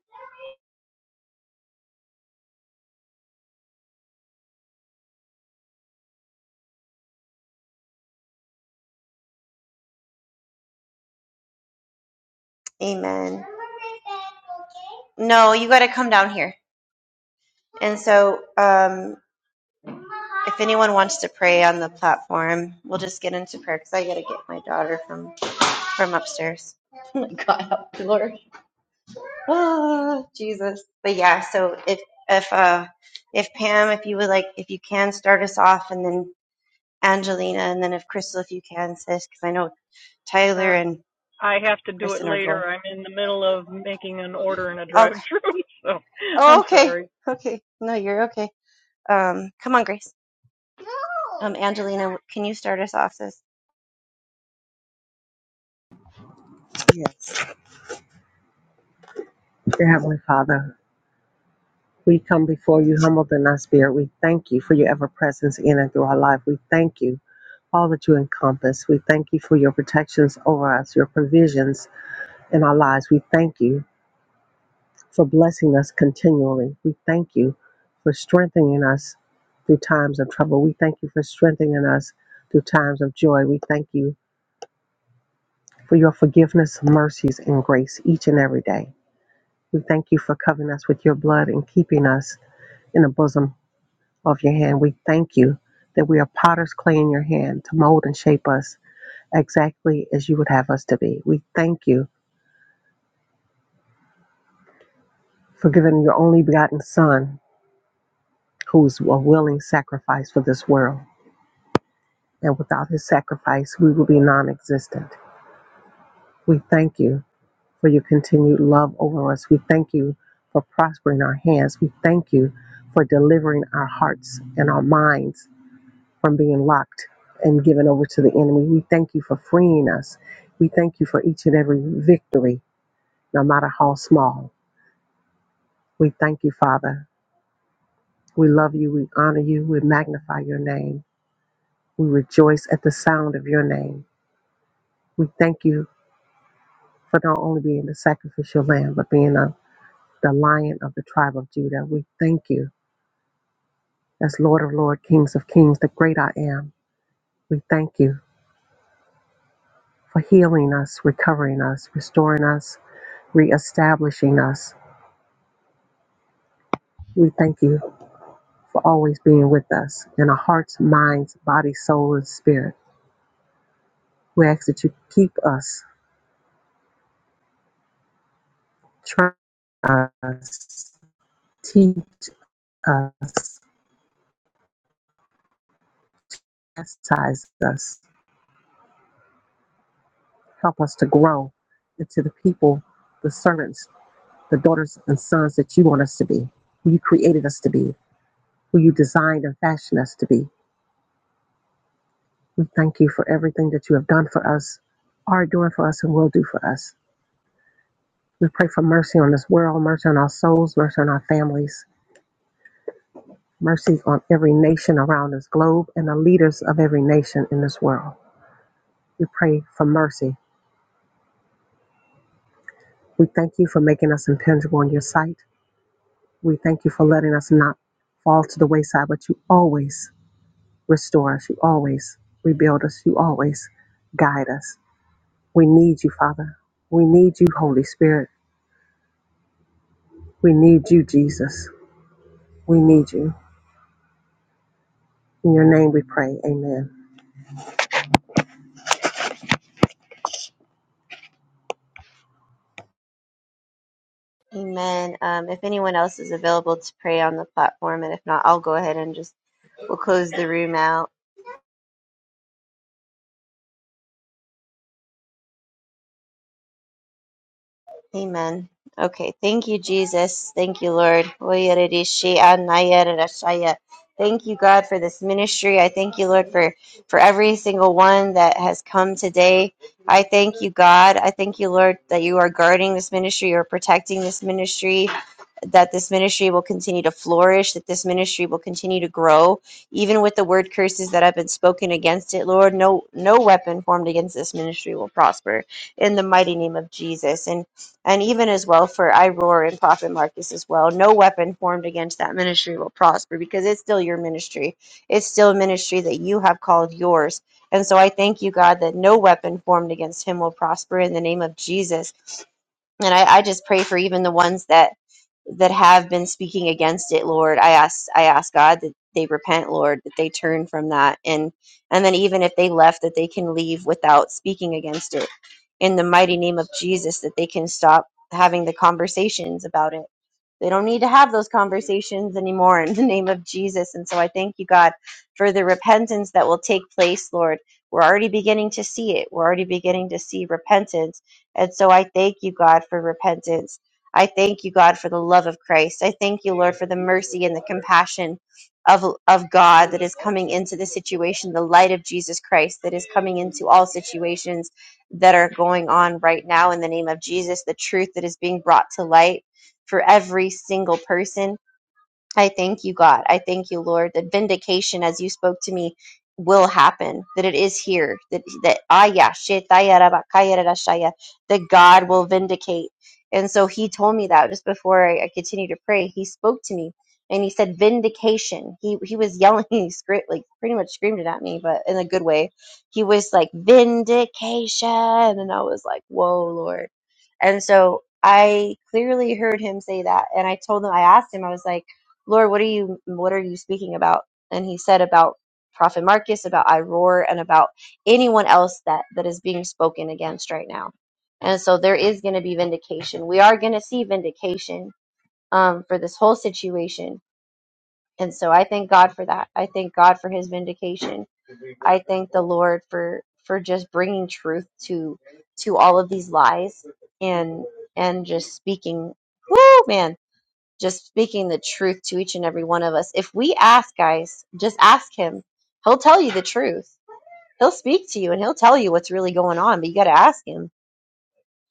Amen. No, you got to come down here. And so, um, If anyone wants to pray on the platform, we'll just get into prayer because I gotta get my daughter from from upstairs. Oh, Jesus. But yeah, so if if uh if Pam, if you would like, if you can start us off, and then Angelina, and then if Crystal, if you can, sis, because I know Tyler Uh, and I Cr- have to do it Kristen are later. going. I'm in the middle of making an order in a Okay. drive-through, so Oh, I'm okay. sorry. Okay. No, you're okay. Um, come on, Grace. Um, Angelina, can you start us off, sis? yes. Dear Heavenly Father, we come before you humbled in our spirit. We thank you for your ever presence in and through our life. We thank you all that you encompass. We thank you for your protections over us, your provisions in our lives. We thank you for blessing us continually. We thank you for strengthening us through times of trouble. We thank you for strengthening us through times of joy. We thank you for your forgiveness, mercies, and grace each and every day. We thank you for covering us with your blood and keeping us in the bosom of your hand. We thank you that we are potter's clay in your hand to mold and shape us exactly as you would have us to be. We thank you for giving your only begotten Son, who's a willing sacrifice for this world. And without his sacrifice, we will be non existent. We thank you for your continued love over us. We thank you for prospering our hands. We thank you for delivering our hearts and our minds from being locked and given over to the enemy. We thank you for freeing us. We thank you for each and every victory, no matter how small. We thank you, Father, We love you. We honor you. We magnify your name. We rejoice at the sound of your name. We thank you for not only being the sacrificial lamb, but being a, the lion of the tribe of Judah. We thank you as Lord of Lords, Kings of Kings, the great I am. We thank you for healing us, recovering us, restoring us, reestablishing us. We thank you for always being with us in our hearts, minds, body, soul, and spirit. We ask that you keep us, train us, Teach us, chastise us, help us to grow into the people, the servants, the daughters and sons that you want us to be, who you created us to be, who you designed and fashioned us to be. We thank you for everything that you have done for us, are doing for us, and will do for us. We pray for mercy on this world, mercy on our souls, mercy on our families, mercy on every nation around this globe, and the leaders of every nation in this world. We pray for mercy. We thank you for making us impenetrable in your sight. We thank you for letting us not fall to the wayside, but you always restore us. You always rebuild us. You always guide us. We need you, Father. We need you, Holy Spirit. We need you, Jesus. We need you. In your name we pray. Amen. Amen. Um, if anyone else is available to pray on the platform, and if not, I'll go ahead and just we'll close the room out. Amen. Okay. Thank you, Jesus. Thank you, Lord. Oyererishi anayererashaya. Thank you, God, for this ministry. I thank you, Lord, for, for every single one that has come today. I thank you, God. I thank you, Lord, that you are guarding this ministry, you are protecting this ministry, that this ministry will continue to flourish, that this ministry will continue to grow, even with the word curses that have been spoken against it, Lord. No, no weapon formed against this ministry will prosper in the mighty name of Jesus. And and even as well for I and Prophet Marcus as well. No weapon formed against that ministry will prosper because it's still your ministry. It's still a ministry that you have called yours. And so I thank you, God, that no weapon formed against him will prosper in the name of Jesus. And I, I just pray for even the ones that that have been speaking against it, Lord. I ask I ask God that they repent, Lord, that they turn from that and and then even if they left that they can leave without speaking against it in the mighty name of Jesus that they can stop having the conversations about it. They don't need to have those conversations anymore in the name of Jesus. And so I thank you, God, for the repentance that will take place, Lord. We're already beginning to see it. We're already beginning to see repentance. And so I thank you, God, for repentance. I thank you, God, for the love of Christ. I thank you, Lord, for the mercy and the compassion of, of God that is coming into the situation, the light of Jesus Christ that is coming into all situations that are going on right now in the name of Jesus, the truth that is being brought to light for every single person I thank you, God. I thank you, Lord, that vindication, as you spoke to me, will happen. That it is here. That that Aya Shetaya Rabakaya Rarashaya, that God will vindicate. And so He told me that just before I, I continued to pray. He spoke to me and He said vindication. He he was yelling, he screamed, like pretty much screamed it at me, but in a good way. He was like vindication, and I was like, whoa, Lord. And so I clearly heard Him say that, and I told him, I asked Him, I was like Lord, what are you what are you speaking about? And he said about Prophet Marcus, about Iroar, and about anyone else that that is being spoken against right now. And so there is going to be vindication. We are going to see vindication um, for this whole situation. And so I thank God for that. I thank God for His vindication. I thank the Lord for for just bringing truth to to all of these lies and and just speaking. Woo, man! just speaking the truth to each and every one of us. If we ask, guys, just ask him. He'll tell you the truth. He'll speak to you and he'll tell you what's really going on, but you got to ask him.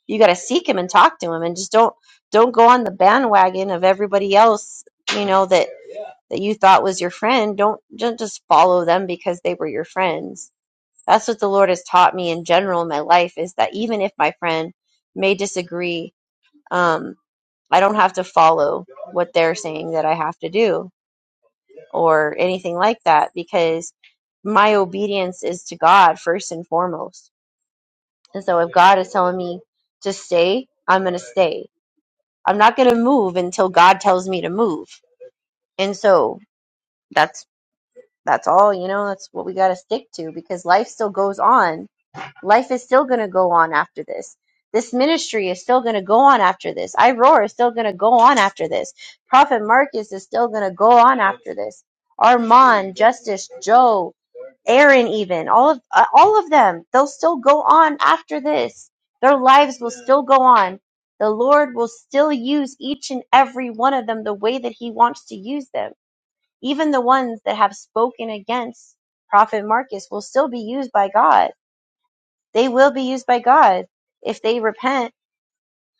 You got to seek him and talk to him and just don't don't go on the bandwagon of everybody else, you know, that that you thought was your friend. Don't don't just follow them because they were your friends. That's what the Lord has taught me in general in my life is that even if my friend may disagree, um, I don't have to follow what they're saying that I have to do or anything like that because my obedience is to God first and foremost. And so if God is telling me to stay, I'm going to stay. I'm not going to move until God tells me to move. And so that's that's all, you know, that's what we got to stick to because life still goes on Life is still going to go on after this. This ministry is still going to go on after this. I Roar is still going to go on after this. Prophet Marcus is still going to go on after this. Armand, Justice, Joe, Aaron, even all of uh, all of them, they'll still go on after this. Their lives will still go on. The Lord will still use each and every one of them the way that He wants to use them. Even the ones that have spoken against Prophet Marcus will still be used by God they will be used by God if they repent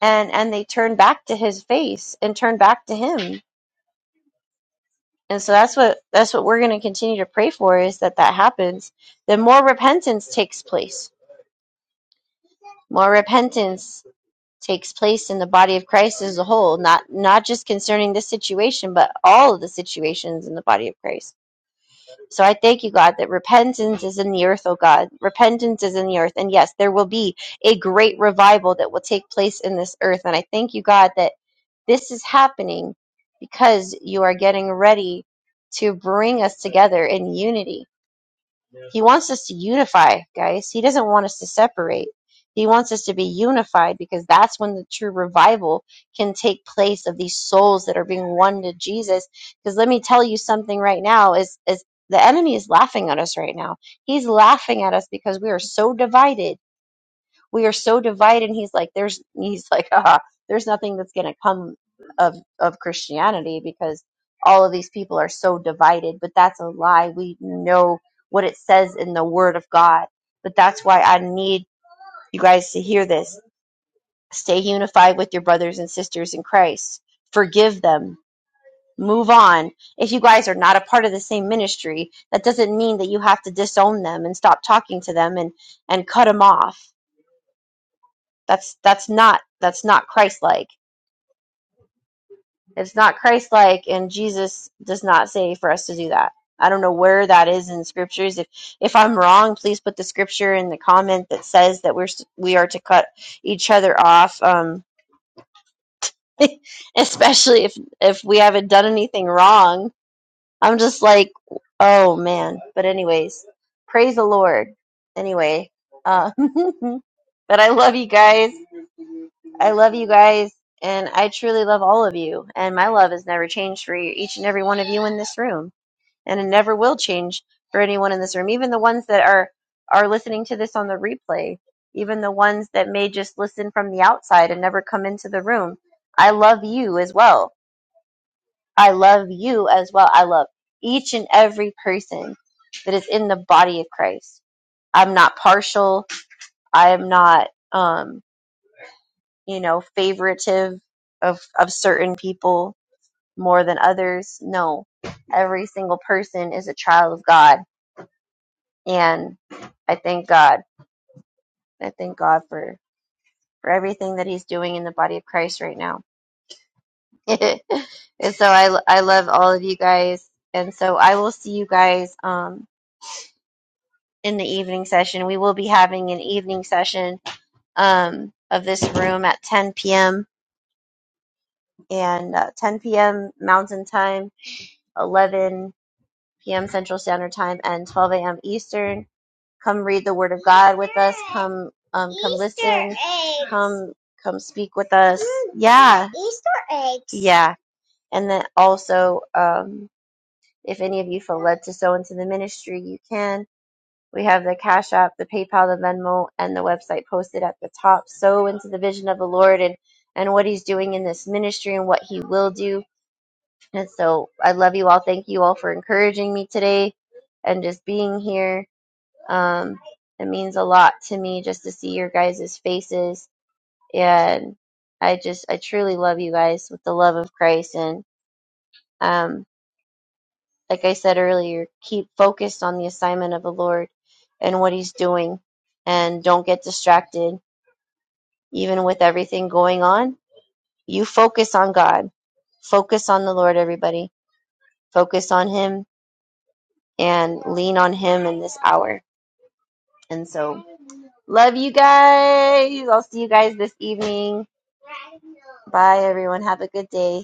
and and they turn back to his face and turn back to him. And so that's what that's what we're going to continue to pray for is that that happens. Then more repentance takes place. More repentance takes place in the body of Christ as a whole, not not just concerning this situation, but all of the situations in the body of Christ So I thank you, God, that repentance is in the earth, oh God. Repentance is in the earth. And yes, there will be a great revival that will take place in this earth. And I thank you, God, that this is happening because you are getting ready to bring us together in unity he wants us to unify, guys. He doesn't want us to separate. He wants us to be unified because that's when the true revival can take place of these souls that are being one to Jesus. Because let me tell you something right now is is the enemy is laughing at us right now. He's laughing at us because we are so divided we are so divided. And he's like, there's, he's like, ah, there's nothing that's going to come of, of Christianity because all of these people are so divided, but that's a lie. We know what it says in the word of God, but that's why I need you guys to hear this. Stay unified with your brothers and sisters in Christ. Forgive them. Move on. If you guys are not a part of the same ministry, that doesn't mean that you have to disown them and stop talking to them and, and cut them off That's that's not that's not Christ-like. It's not Christ-like, and Jesus does not say for us to do that. I don't know where that is in the scriptures. If if I'm wrong, please put the scripture in the comment that says that we're s- we are to cut each other off. Um, especially if if we haven't done anything wrong. I'm just like, oh man. But anyways, praise the Lord. Anyway, uh, but I love you guys. I love you guys, and I truly love all of you. And my love has never changed for you, each and every one of you in this room, and it never will change for anyone in this room, even the ones that are are listening to this on the replay, even the ones that may just listen from the outside and never come into the room. I love you as well. I love you as well. I love each and every person that is in the body of Christ. I'm not partial. I am not. Um, you know, favoritive of, of certain people more than others. No, every single person is a child of God. And I thank God. I thank God for, for everything that he's doing in the body of Christ right now. and so I, I love all of you guys. And so I will see you guys, um, in the evening session. We will be having an evening session, um, of this room at 10 p.m. and uh, 10 p.m. Mountain Time. 11 p.m. Central Standard Time and 12 a.m. Eastern. Come read the Word of God with us. Come, um, come listen. Come, come speak with us. yeah. Easter eggs. Yeah, and then also, um, if any of you feel led to sow into the ministry, you can. We have the Cash App, the PayPal, the Venmo, and the website posted at the top. Sow into the vision of the Lord and and what He's doing in this ministry and what He will do and so I love you all. Thank you all for encouraging me today and just being here. Um, it means a lot to me just to see your guys' faces. And I just, I truly love you guys with the love of Christ. And um, like I said earlier, keep focused on the assignment of the Lord and what He's doing. And don't get distracted, even with everything going on. You focus on God. Focus on the Lord, everybody. Focus on Him and lean on Him in this hour. And so, love you guys. I'll see you guys this evening. Bye, everyone. Have a good day.